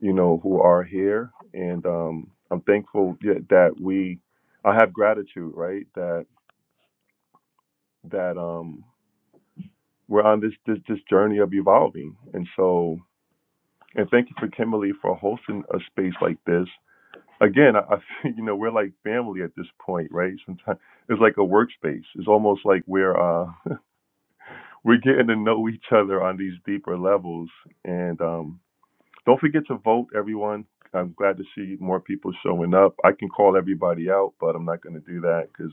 Speaker 2: you know who are here and um i'm thankful yeah, that we i have gratitude right that that um we're on this this this journey of evolving and so and thank you for kimberly for hosting a space like this again, I, I feel, you know, we're like family at this point, right? Sometimes it's like a workspace. It's almost like we're uh, we're getting to know each other on these deeper levels. And um, don't forget to vote, everyone. I'm glad to see more people showing up. I can call everybody out, but I'm not going to do that because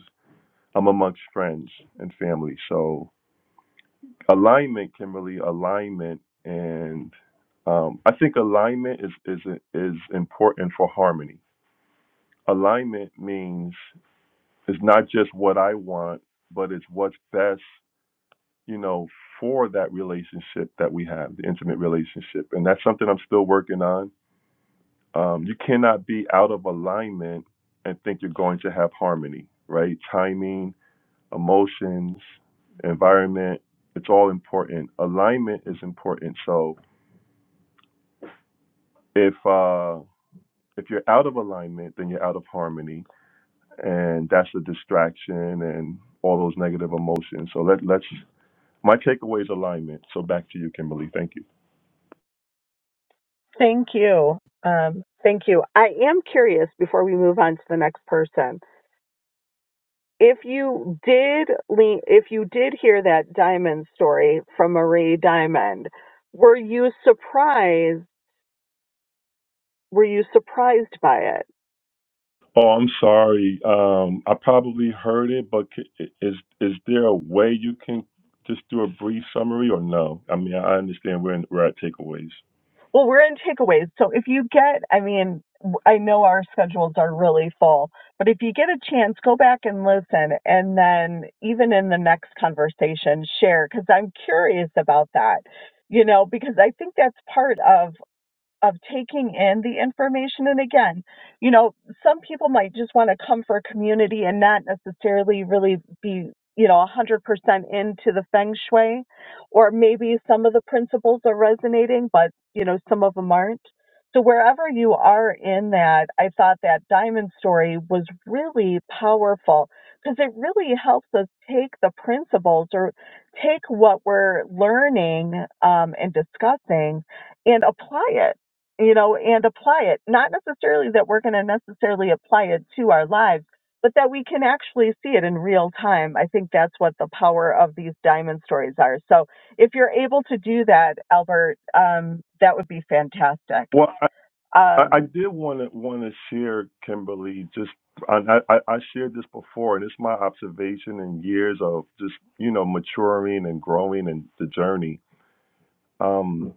Speaker 2: I'm amongst friends and family. So alignment, Kimberly, alignment, and um, I think alignment is is is important for harmony. Alignment means It's not just what I want, but it's what's best, you know, for that relationship that we have, the intimate relationship. And that's something I'm still working on. Um, you cannot be out of alignment and think you're going to have harmony, right? Timing, emotions, environment, it's all important. Alignment is important. So if uh if you're out of alignment, then you're out of harmony, and that's a distraction and all those negative emotions. So let let's My takeaway is alignment. So back to you, Kimberly. Thank you.
Speaker 4: Thank you. Um, thank you. I am curious before we move on to the next person. If you did lean, if you did hear that diamond story from Marie Diamond, were you surprised? Were you surprised by it?
Speaker 2: Oh, I'm sorry. Um, I probably heard it, but c- is is there a way you can just do a brief summary or no? I mean, I understand we're in, we're at takeaways.
Speaker 4: Well, we're in takeaways. So if you get, I mean, I know our schedules are really full, but if you get a chance, go back and listen. And then even in the next conversation, share, because I'm curious about that, you know, because I think that's part of of taking in the information and again you know some people might just want to come for community and not necessarily really be you know 100% into the feng shui or maybe some of the principles are resonating but you know some of them aren't so wherever you are in that i thought that diamond story was really powerful because it really helps us take the principles or take what we're learning um, and discussing and apply it you know, and apply it. Not necessarily that we're going to necessarily apply it to our lives, but that we can actually see it in real time. I think that's what the power of these diamond stories are. So if you're able to do that, Albert, um, that would be fantastic.
Speaker 2: Well, I, I I
Speaker 4: Um,
Speaker 2: did want to want to share Kimberly. Just and I I I shared this before, and it's my observation and years of just you know maturing and growing and the journey. Um,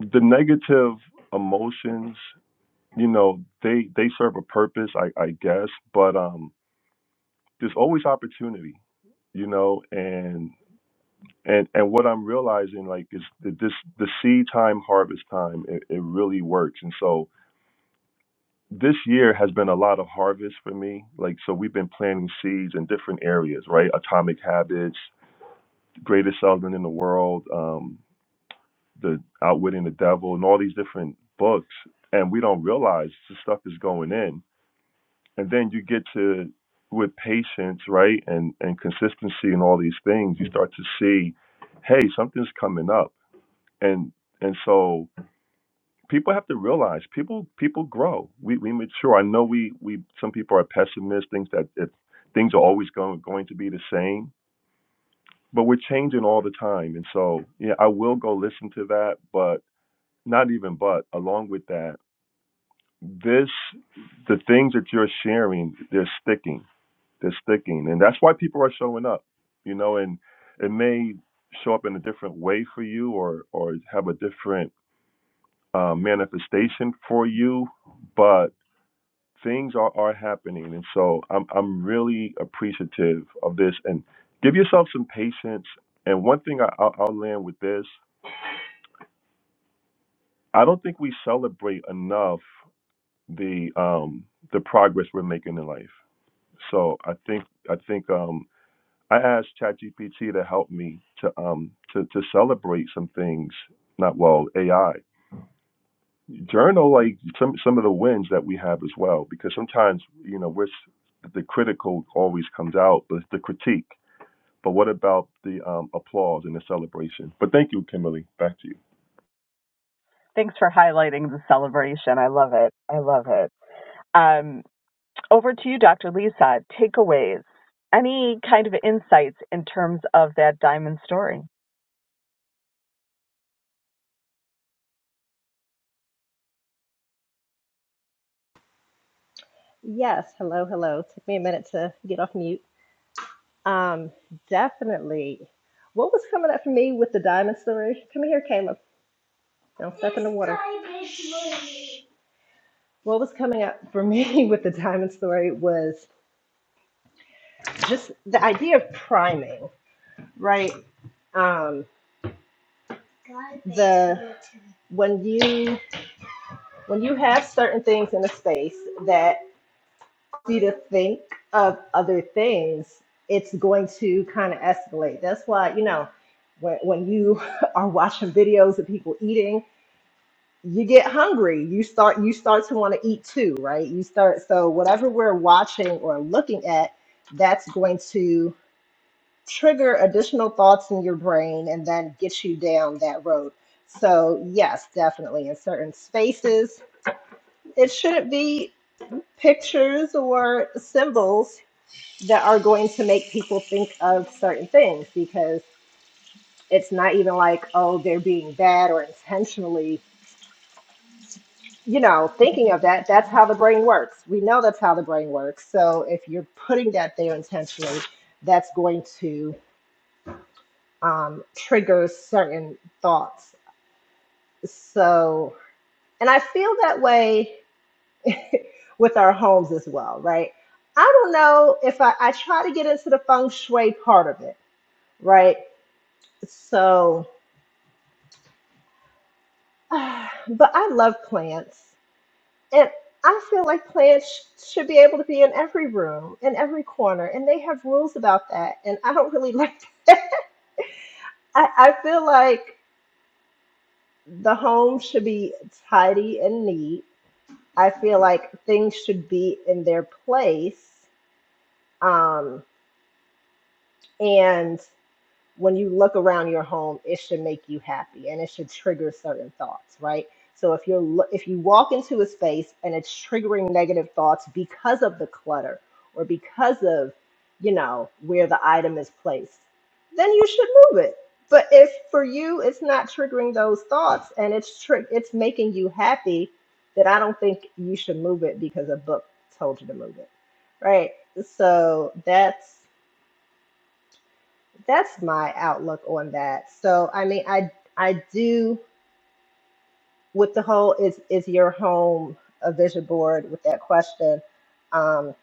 Speaker 2: the negative emotions you know they they serve a purpose i i guess but um there's always opportunity you know and and and what i'm realizing like is that this the seed time harvest time it, it really works and so this year has been a lot of harvest for me like so we've been planting seeds in different areas right atomic habits greatest salesman in the world um the outwitting the devil and all these different books and we don't realize the stuff is going in and then you get to with patience right and and consistency and all these things you start to see hey something's coming up and and so people have to realize people people grow we we mature i know we we some people are pessimists things that if things are always going going to be the same but we're changing all the time and so yeah i will go listen to that but not even but along with that this the things that you're sharing they're sticking They're sticking, and that's why people are showing up. You know, and it may show up in a different way for you, or or have a different uh, manifestation for you, but things are are happening, and so I'm I'm really appreciative of this. And give yourself some patience. And one thing I, I'll, I'll land with this: I don't think we celebrate enough the um the progress we're making in life. So I think I think um I asked ChatGPT to help me to um to to celebrate some things. Not well, AI journal like some some of the wins that we have as well, because sometimes you know we're the critical always comes out, but the critique. But what about the um, applause and the celebration? But thank you, Kimberly. Back to you.
Speaker 4: thanks for highlighting the celebration. I love it. I love it. Um, over to you, Dr. Lisa. Takeaways. Any kind of insights in terms of that diamond story?
Speaker 6: Yes, hello, hello. Took me a minute to get off mute. Um, definitely. What was coming up for me with the diamond story? Come here, Caleb. Don't step in the water. What was coming up for me with the diamond story was just the idea of priming, right? Um, the when you when you have certain things in a space that you to think of other things, it's going to kind of escalate. That's why you know when when you are watching videos of people eating, you get hungry. You start you start to want to eat too, right? You start so whatever we're watching or looking at, that's going to trigger additional thoughts in your brain and then get you down that road. So, yes, definitely in certain spaces, it shouldn't be pictures or symbols that are going to make people think of certain things because it's not even like, oh, they're being bad or intentionally, you know, thinking of that. That's how the brain works. We know that's how the brain works. So, if you're putting that there intentionally, that's going to um, trigger certain thoughts So, and I feel that way with our homes as well, right? I don't know if I, I try to get into the feng shui part of it, right? So, but I love plants. And I feel like plants sh- should be able to be in every room, in every corner. And they have rules about that. And I don't really like that. I, I feel like the home should be tidy and neat. I feel like things should be in their place. Um, and when you look around your home, it should make you happy and it should trigger certain thoughts, right? So if you're lo- if you walk into a space and it's triggering negative thoughts because of the clutter or because of, you know, where the item is placed, then you should move it. But if for you it's not triggering those thoughts and it's tri- it's making you happy, then I don't think you should move it because a book told you to move it right so that's that's my outlook on that. So I mean, I I do with the whole is is your home a vision board with that question. Um,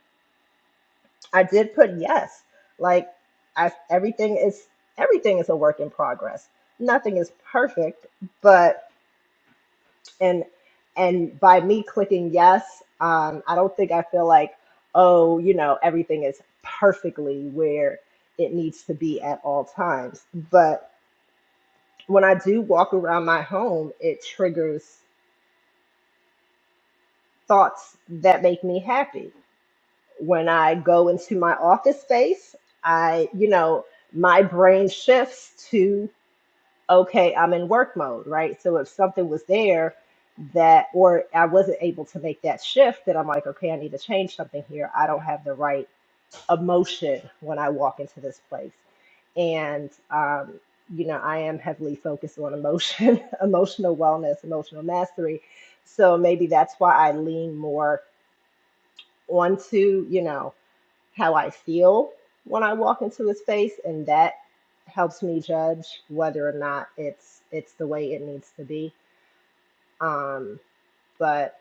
Speaker 6: I did put yes. Like I everything is everything is a work in progress. Nothing is perfect, but and and by me clicking yes, um, I don't think I feel like oh you know everything is perfectly where it needs to be at all times, but when I do walk around my home, it triggers thoughts that make me happy. When I go into my office space, I, you know, my brain shifts to, okay, I'm in work mode, right? So if something was there that, or I wasn't able to make that shift, then I'm like, okay, I need to change something here. I don't have the right emotion when I walk into this place. and um, you know i am heavily focused on emotion emotional wellness emotional mastery so maybe that's why i lean more onto you know how i feel when i walk into a space and that helps me judge whether or not it's it's the way it needs to be um but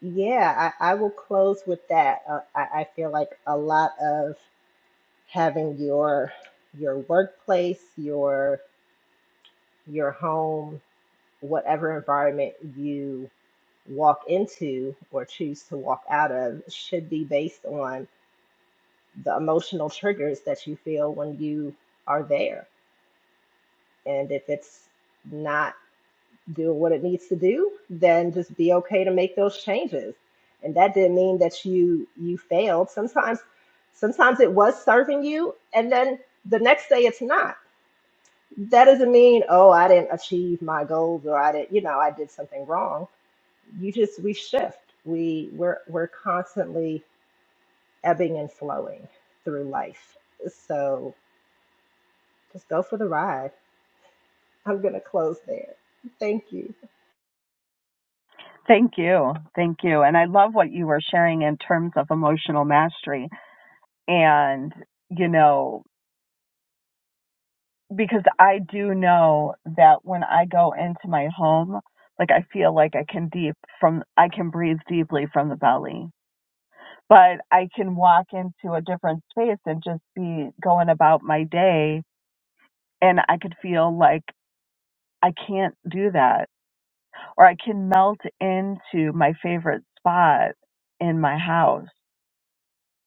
Speaker 6: yeah i, I will close with that uh, I, I feel like a lot of having your your workplace your your home whatever environment you walk into or choose to walk out of should be based on the emotional triggers that you feel when you are there. And if it's not doing what it needs to do, then just be okay to make those changes. And that didn't mean that you you failed. Sometimes sometimes it was serving you and then the next day it's not. That doesn't mean, oh, I didn't achieve my goals or I didn't, you know, I did something wrong you just we shift we we're we're constantly ebbing and flowing through life so just go for the ride i'm going to close there thank you
Speaker 4: Thank you. Thank you. And I love what you were sharing in terms of emotional mastery. And, you know, because I do know that when I go into my home, like I feel like I can deep from, I can breathe deeply from the belly, but I can walk into a different space and just be going about my day. And I could feel like I can't do that or I can melt into my favorite spot in my house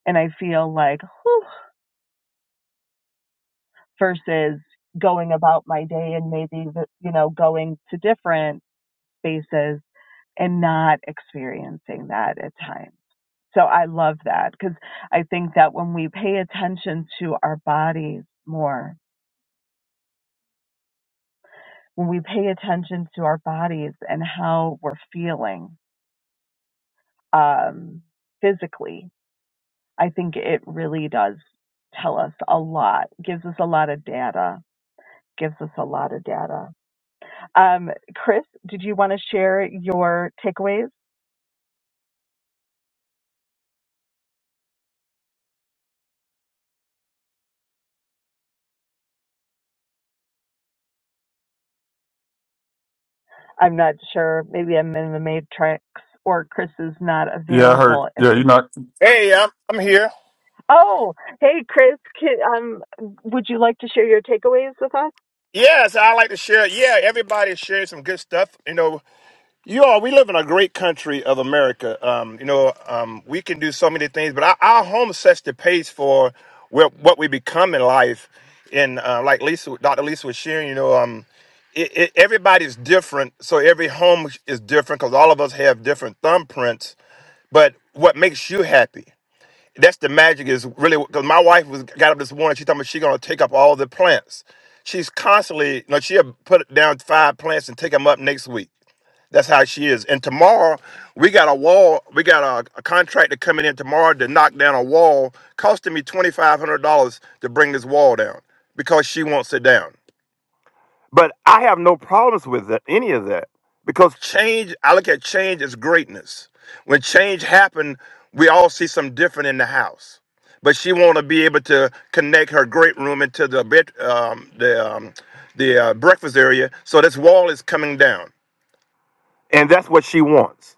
Speaker 4: and I feel like, whew, versus going about my day and maybe, you know, going to different spaces and not experiencing that at times. So I love that because I think that when we pay attention to our bodies more, when we pay attention to our bodies and how we're feeling um, physically, I think it really does tell us a lot, gives us a lot of data, gives us a lot of data. Um, Chris, did you want to share your takeaways? I'm not sure. Maybe I'm in the matrix, or Chris is not
Speaker 3: Yeah, I heard.
Speaker 4: available at
Speaker 3: Yeah, you're
Speaker 4: this.
Speaker 3: not.
Speaker 7: Hey, I'm, I'm here.
Speaker 4: Oh, hey, Chris. Can, um, would you like to share your takeaways with us?
Speaker 7: Yes, I like to share. Yeah, everybody sharing some good stuff. You know, you all, we live in a great country of America. Um, you know, um, we can do so many things, but our, our home sets the pace for where, what we become in life. And uh, like Lisa, Dr. Lisa was sharing, you know, um, it, it, everybody's different, so every home is different because all of us have different thumbprints. But what makes you happy? that's the magic is really because my wife was got up this morning. She told me she gonna take up all the plants. She's constantly no. she'll put down five plants and take them up next week. That's how she is. And tomorrow we got a wall. We got a, a contractor coming in tomorrow to knock down a wall, costing me twenty five hundred dollars to bring this wall down because she won't sit down. But I have no problems with that, any of that because change, I look at change as greatness. When change happened, we all see something different in the house. But she want to be able to connect her great room into the bed, um, the um, the uh, breakfast area, so this wall is coming down, and that's what she wants.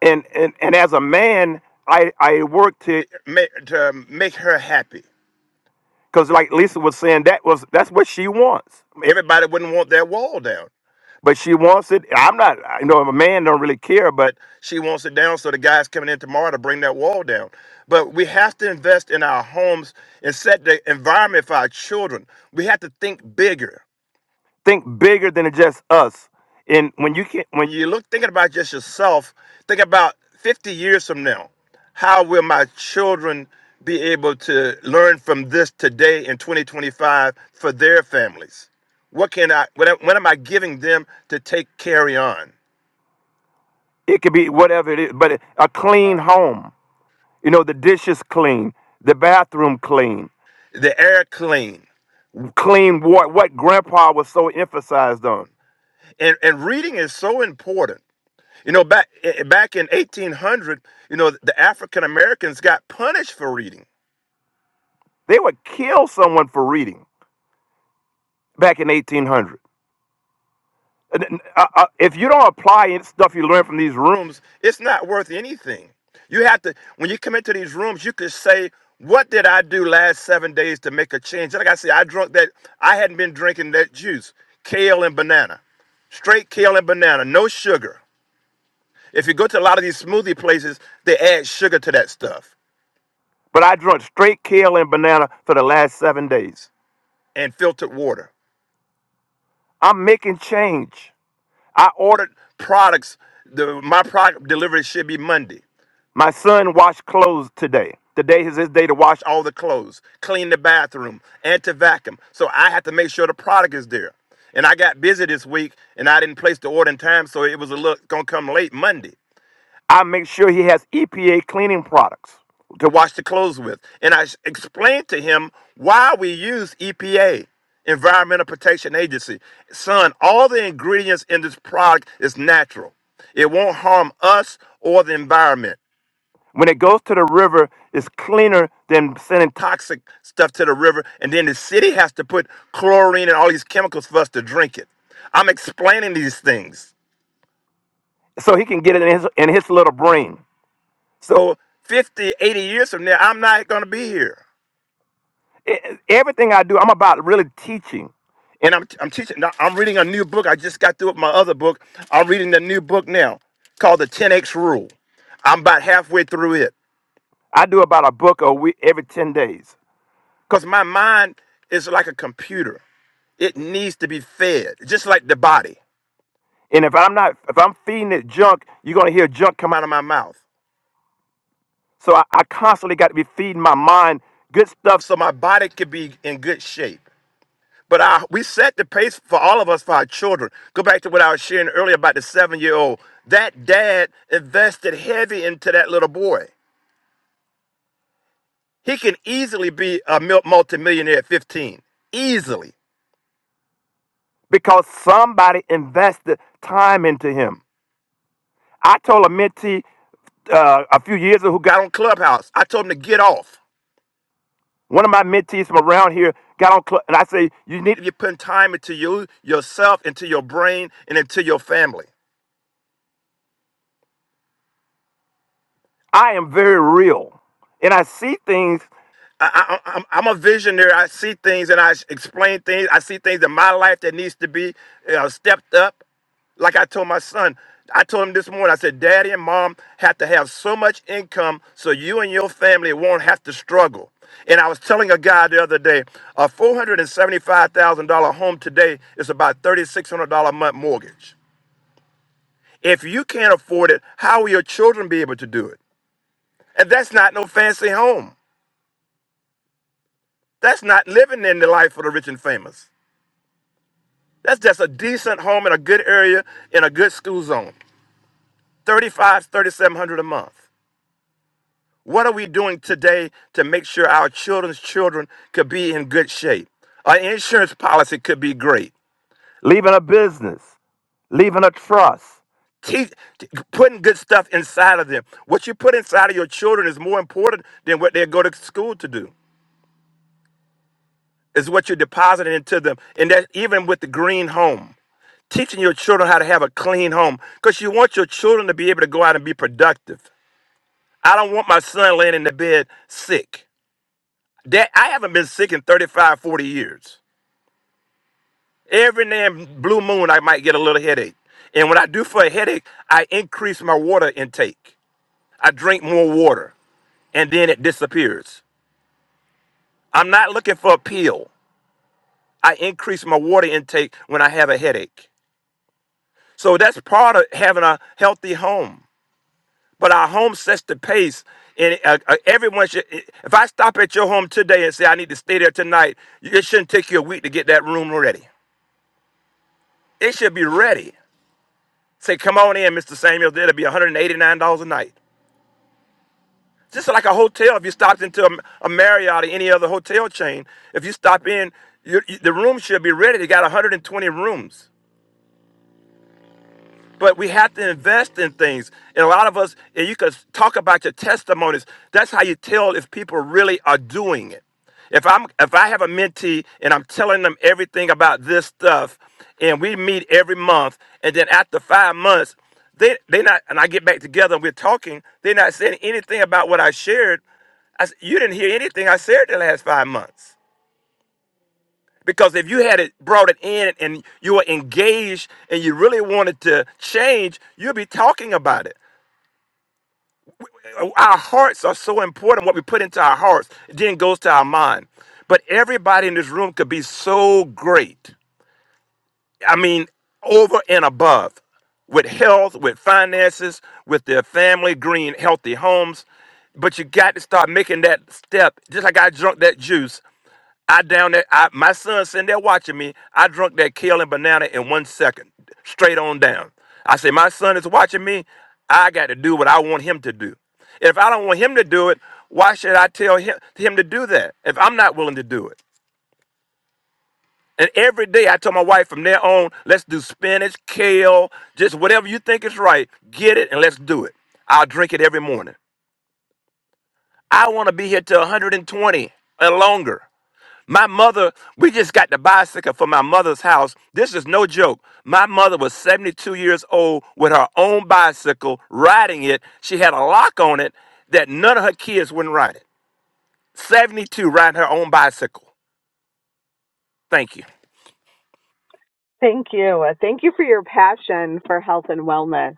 Speaker 7: And and and as a man, I I work to make to make her happy. Because like Lisa was saying, that was that's what she wants. Everybody wouldn't want their wall down, but she wants it. I'm not, you know, a man don't really care, but she wants it down so the guys coming in tomorrow to bring that wall down. But we have to invest in our homes and set the environment for our children. We have to think bigger think bigger than just us. And when you can, when you look thinking about just yourself, think about 50 years from now. How will my children be able to learn from this today in 2025 for their families? What can I? What, am- what am I giving them to take carry on? It could be whatever it is, but a clean home. You know, the dishes clean, the bathroom clean, the air clean, clean water. What Grandpa was so emphasized on and and reading is so important. You know, back eh, eh, back in 1800, you know, the African Americans got punished for reading. They would kill someone for reading back in 1800. And, and, uh, uh, if you don't apply any stuff you learn from these rooms, it's not worth anything. You have to when you come into these rooms, you could say, "What did I do last seven days to make a change?" Like I said, I drunk that. I hadn't been drinking that juice, kale and banana, straight kale and banana, no sugar. If you go to a lot of these smoothie places, they add sugar to that stuff. But I drunk straight kale and banana for the last seven days and filtered water. I'm making change. I ordered products. The, my product delivery should be Monday. My son washed clothes today. Today is his day to wash all the clothes, clean the bathroom, and to vacuum. So I have to make sure the product is there. And I got busy this week and I didn't place the order in time, so it was a look gonna come late Monday. I make sure he has EPA cleaning products to wash the clothes with. And I s- explained to him why we use EPA, Environmental Protection Agency. Son, all the ingredients in this product is natural. It won't harm us or the environment. When it goes to the river, it's cleaner than sending toxic stuff to the river. And then the city has to put chlorine and all these chemicals for us to drink it. I'm explaining these things. So he can get it in his, in his little brain. So 50, 80 years from now, I'm not going to be here. E- e, Everything I do, I'm about really teaching. And I'm, I'm teaching. now, I'm reading a new book. I just got through with my other book. I'm reading the new book now called The 10X Rule. I'm about halfway through it. I do about a book a week every 10 days because my mind is like a computer. It needs to be fed, just like the body. And if I'm not, if I'm feeding it junk, you're going to hear junk come out of my mouth. So I, I constantly got to be feeding my mind good stuff so my body could be in good shape. But I, we set the pace for all of us for our children. Go back to what I was sharing earlier about the seven year old. That dad invested heavy into that little boy. He can easily be a mil- multimillionaire at 15. Easily. Because somebody invested time into him. I told a mentee uh, a few years ago who got on Clubhouse, I told him to get off. One of my mentees from around here got on, cl- and I say, you need to be putting time into you, yourself, into your brain, and into your family. I am very real, and I see things. I, I, I'm, I'm a visionary. I see things and I explain things. I see things in my life that needs to be uh, stepped up. Like I told my son, I told him this morning, I said, Daddy and mom have to have so much income so you and your family won't have to struggle. And I was telling a guy the other day, a $475,000 home today is about $3,600 a month mortgage. If you can't afford it, how will your children be able to do it? And that's not no fancy home. That's not living in the life of the rich and famous. That's just a decent home in a good area in a good school zone. Thirty-five, thirty-seven hundred a month. What are we doing today to make sure our children's children could be in good shape? Our insurance policy could be great. Leaving a business, leaving a trust, teach, t- putting good stuff inside of them. What you put inside of your children is more important than what they go to school to do. is what you're depositing into them. And that even with the green home, teaching your children how to have a clean home because you want your children to be able to go out and be productive. I don't want my son laying in the bed sick. That I haven't been sick in 35, 40 years. Every damn blue moon, I might get a little headache. And when I do for a headache, I increase my water intake. I drink more water and then it disappears. I'm not looking for a pill. I increase my water intake when I have a headache. So that's part of having a healthy home. But our home sets the pace, and uh, uh, everyone should. If I stop at your home today and say I need to stay there tonight, it shouldn't take you a week to get that room ready. It should be ready. Say, come on in, Mr. Samuels. That'll be $189 a night. Just like a hotel, if you stopped into a, a Marriott or any other hotel chain, if you stop in, you, you- the room should be ready. They got 120 rooms. But we have to invest in things. And a lot of us, and you could talk about your testimonies. That's how you tell if people really are doing it. If I'm if I have a mentee and I'm telling them everything about this stuff, and we meet every month, and then after five months, they they not and I get back together and we're talking, they're not saying anything about what I shared. I, s- you didn't hear anything I said the last five months. Because if you had it brought it in and you were engaged and you really wanted to change, you'd be talking about it. Our hearts are so important. What we put into our hearts then goes to our mind. But everybody in this room could be so great. I mean, over and above with health, with finances, with their family, green, healthy homes. But you got to start making that step. Just like I drunk that juice, I down there, I, my son's sitting there watching me. I drunk that kale and banana in one second, straight on down. I say, my son is watching me. I got to do what I want him to do. If I don't want him to do it, why should I tell him, him to do that if I'm not willing to do it? And every day I tell my wife from there on, let's do spinach, kale, just whatever you think is right, get it and let's do it. I'll drink it every morning. I want to be here till 120 and longer. My mother, we just got the bicycle from my mother's house. This is no joke. My mother was 72 years old with her own bicycle, riding it. She had a lock on it that none of her kids wouldn't ride it. 72 riding her own bicycle. Thank you.
Speaker 4: Thank you. Uh, Thank you for your passion for health and wellness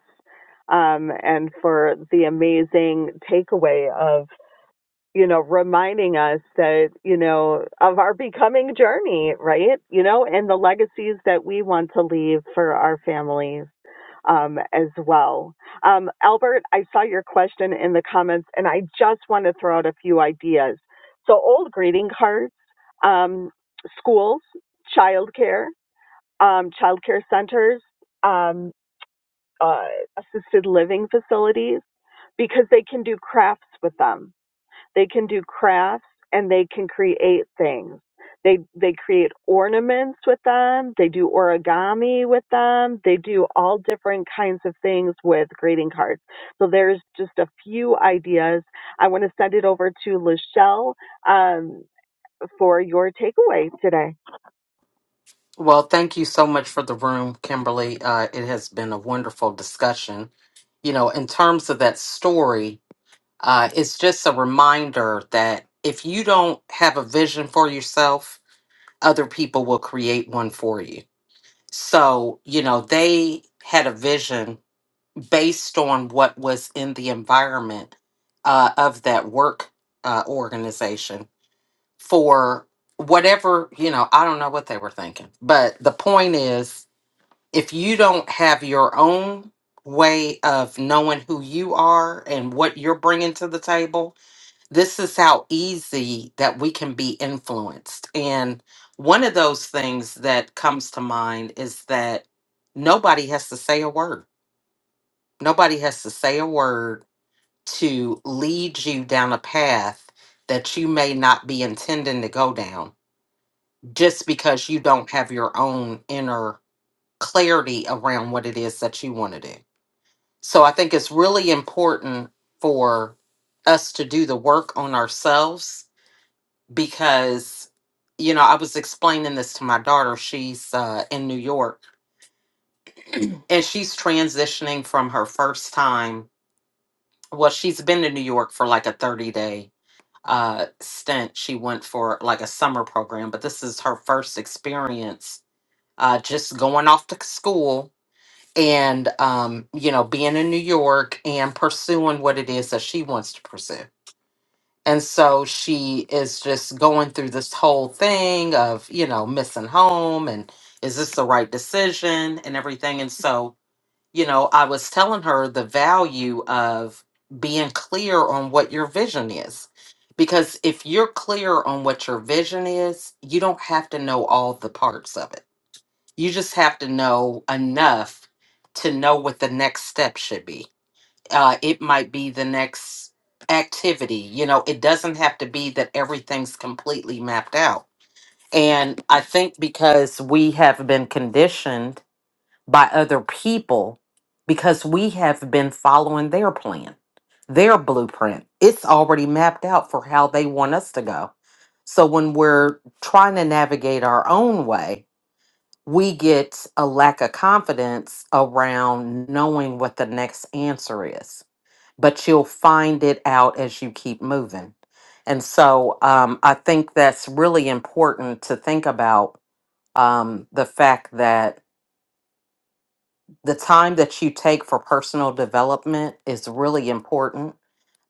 Speaker 4: um, and for the amazing takeaway of you know, reminding us that, you know, of our becoming journey, right? You know, and the legacies that we want to leave for our families um, as well. Um, Albert, I saw your question in the comments and I just want to throw out a few ideas. So, old greeting cards, um, schools, childcare, um, childcare centers, um, uh, assisted living facilities, because they can do crafts with them they can do crafts and they can create things. They they create ornaments with them, they do origami with them, they do all different kinds of things with greeting cards. So there's just a few ideas. I want to send it over to Lachelle um, for your takeaway today.
Speaker 1: Well, thank you so much for the room, Kimberly. Uh, it has been a wonderful discussion. You know, in terms of that story, uh, it's just a reminder that if you don't have a vision for yourself, other people will create one for you. So, you know, they had a vision based on what was in the environment uh, of that work uh, organization for whatever, you know, I don't know what they were thinking. But the point is, if you don't have your own way of knowing who you are and what you're bringing to the table, this is how easy that we can be influenced. And one of those things that comes to mind is that nobody has to say a word. Nobody has to say a word to lead you down a path that you may not be intending to go down just because you don't have your own inner clarity around what it is that you want to do. So I think it's really important for us to do the work on ourselves because, you know, I was explaining this to my daughter. She's uh, in New York and she's transitioning from her first time. Well, she's been to New York for like a 30 day uh, stint. She went for like a summer program, but this is her first experience uh, just going off to school and um, you know, being in New York and pursuing what it is that she wants to pursue. And so she is just going through this whole thing of, you know, missing home and is this the right decision and everything. And so, you know, I was telling her the value of being clear on what your vision is. Because if you're clear on what your vision is, you don't have to know all the parts of it you just have to know enough to know what the next step should be. Uh, it might be the next activity. You know, it doesn't have to be that everything's completely mapped out. And I think because we have been conditioned by other people, because we have been following their plan, their blueprint, it's already mapped out for how they want us to go. So when we're trying to navigate our own way, we get a lack of confidence around knowing what the next answer is, but you'll find it out as you keep moving. And so um, I think that's really important to think about um, the fact that the time that you take for personal development is really important.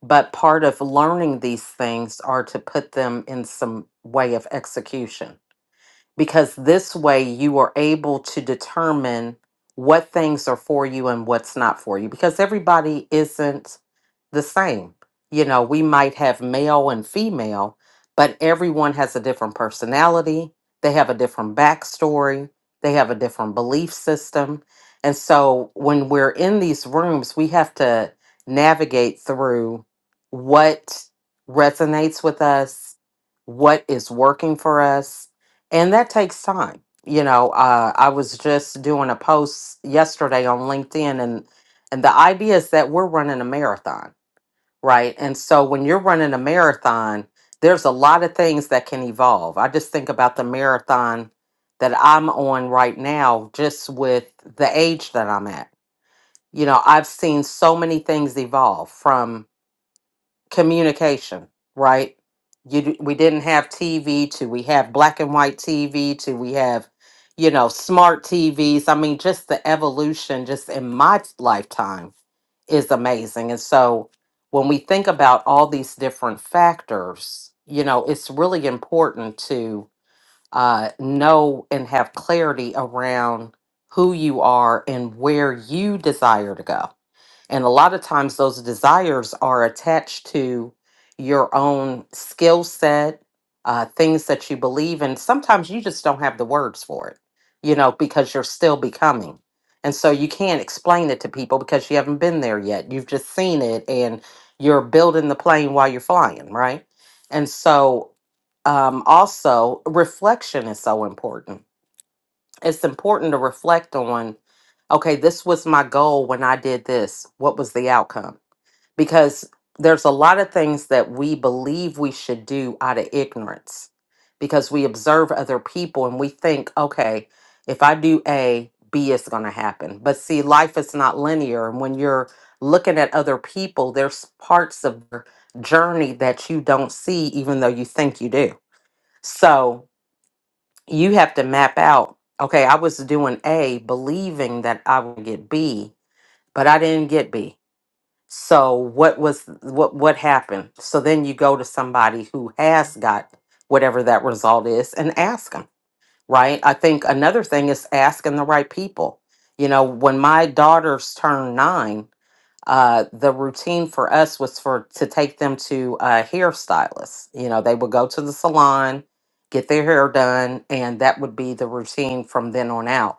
Speaker 1: But part of learning these things are to put them in some way of execution because this way you are able to determine what things are for you and what's not for you because everybody isn't the same. You know, we might have male and female, but everyone has a different personality. They have a different backstory. They have a different belief system. And so when we're in these rooms, we have to navigate through what resonates with us, what is working for us. And that takes time. You know, uh, I was just doing a post yesterday on LinkedIn, and, and the idea is that we're running a marathon right? And so when you're running a marathon, there's a lot of things that can evolve. I just think about the marathon that I'm on right now, just with the age that I'm at. You know, I've seen so many things evolve from communication, right? You, d- we didn't have TV to we have black and white TV to we have, you know, smart TVs. I mean, just the evolution just in my lifetime is amazing. And so when we think about all these different factors, you know, it's really important to uh, know and have clarity around who you are and where you desire to go and a lot of times those desires are attached to your own skill set, uh, things that you believe in. Sometimes you just don't have the words for it, you know, because you're still becoming. And so you can't explain it to people because you haven't been there yet. You've just seen it and you're building the plane while you're flying, right? And so um, also reflection is so important it's important to reflect on okay this was my goal when i did this what was the outcome because there's a lot of things that we believe we should do out of ignorance because we observe other people and we think okay if i do a b is going to happen but see life is not linear and when you're looking at other people there's parts of their journey that you don't see even though you think you do so you have to map out okay i was doing a believing that i would get b but i didn't get b so what was what what happened so then you go to somebody who has got whatever that result is and ask them right i think another thing is asking the right people you know when my daughters turned nine uh, the routine for us was for to take them to a hairstylist. You know, they would go to the salon, get their hair done, and that would be the routine from then on out.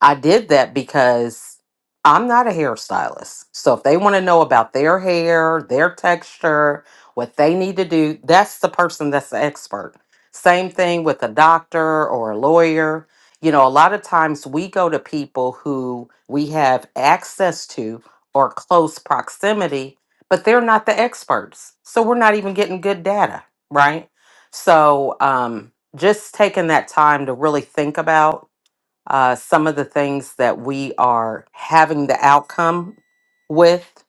Speaker 1: I did that because I'm not a hairstylist. So if they want to know about their hair, their texture, what they need to do, that's the person that's the expert. Same thing with a doctor or a lawyer. You know, a lot of times we go to people who we have access to or close proximity, but they're not the experts. So we're not even getting good data, right? So um, just taking that time to really think about uh, some of the things that we are having the outcome with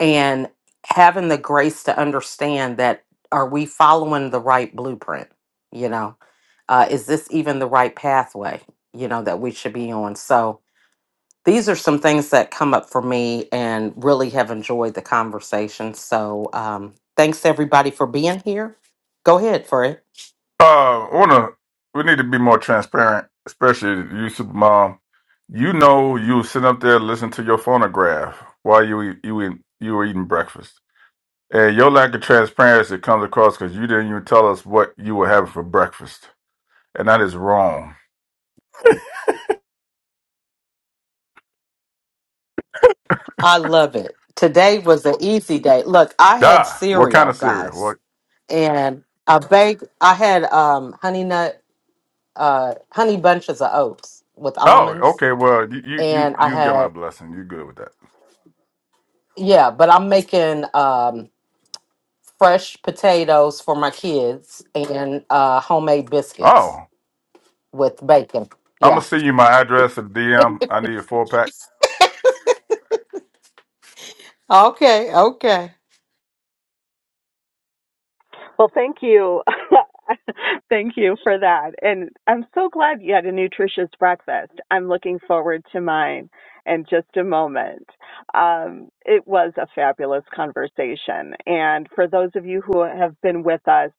Speaker 1: and having the grace to understand that are we following the right blueprint you know uh, is this even the right pathway you know that we should be on so these are some things that come up for me and really have enjoyed the conversation so um, thanks everybody for being here go ahead for it
Speaker 3: Uh, I wanna. We need to be more transparent, especially you, supermom. You know, you sit up there listening to your phonograph while you eat- you eat- you were eating breakfast, and your lack of transparency comes across because you didn't even tell us what you were having for breakfast. and that is wrong.
Speaker 1: i love it today was an easy day look i had
Speaker 3: Ah, what kind
Speaker 1: cereal
Speaker 3: of cereal?
Speaker 1: guys
Speaker 3: What?
Speaker 1: and I baked. I had um, honey nut, uh, honey bunches of oats with
Speaker 3: Oh,
Speaker 1: almonds,
Speaker 3: okay. Well, you you you
Speaker 1: and I
Speaker 3: you got my
Speaker 1: had
Speaker 3: blessing. You good with that?
Speaker 1: yeah. But I'm making um, fresh potatoes for my kids and uh, homemade biscuits
Speaker 3: Oh,
Speaker 1: with bacon.
Speaker 3: I'm gonna
Speaker 1: Yeah.
Speaker 3: send you my address and DM. I need a four pack.
Speaker 1: Okay. Okay.
Speaker 4: Well, thank you. thank you for that. And I'm so glad you had a nutritious breakfast. I'm looking forward to mine in just a moment. Um, it was a fabulous conversation. And for those of you who have been with us,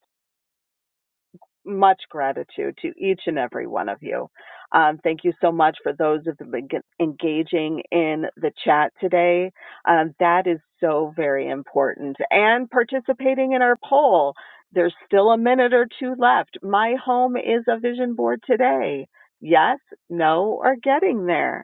Speaker 4: much gratitude to each and every one of you. Um, thank you so much for those who have been engaging in the chat today. Um, that is so very important. And participating in our poll. There's still a minute or two left. My home is a vision board today. Yes, no, or getting there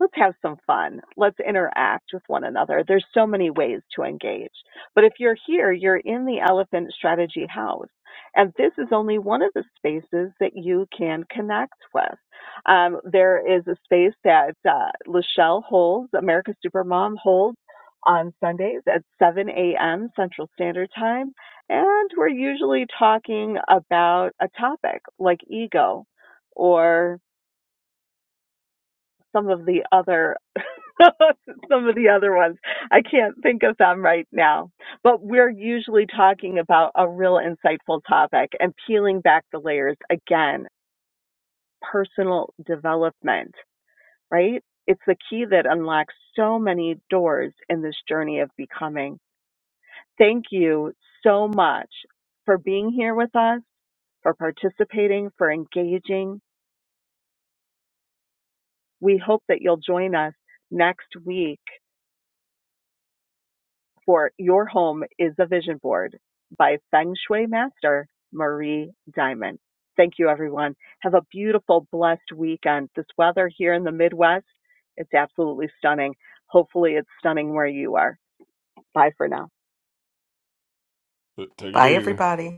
Speaker 4: let's have some fun. Let's interact with one another. There's so many ways to engage. But if you're here, you're in the Elephant Strategy House. And this is only one of the spaces that you can connect with. Um, there is a space that uh, Lachelle holds, America Supermom holds on Sundays at 7 a.m. Central Standard Time. And we're usually talking about a topic like ego or some of the other some of the other ones. I can't think of them right now. But we're usually talking about a real insightful topic and peeling back the layers again, personal development, right? It's the key that unlocks so many doors in this journey of becoming. Thank you so much for being here with us, for participating, for engaging. We hope that you'll join us next week for Your Home is a Vision Board by Feng Shui Master Marie Diamond. Thank you, everyone. Have a beautiful, blessed weekend. This weather here in the Midwest, it's absolutely stunning. Hopefully, it's stunning where you are. Bye for now.
Speaker 3: T- Take it
Speaker 1: Bye,
Speaker 3: easy.
Speaker 1: everybody.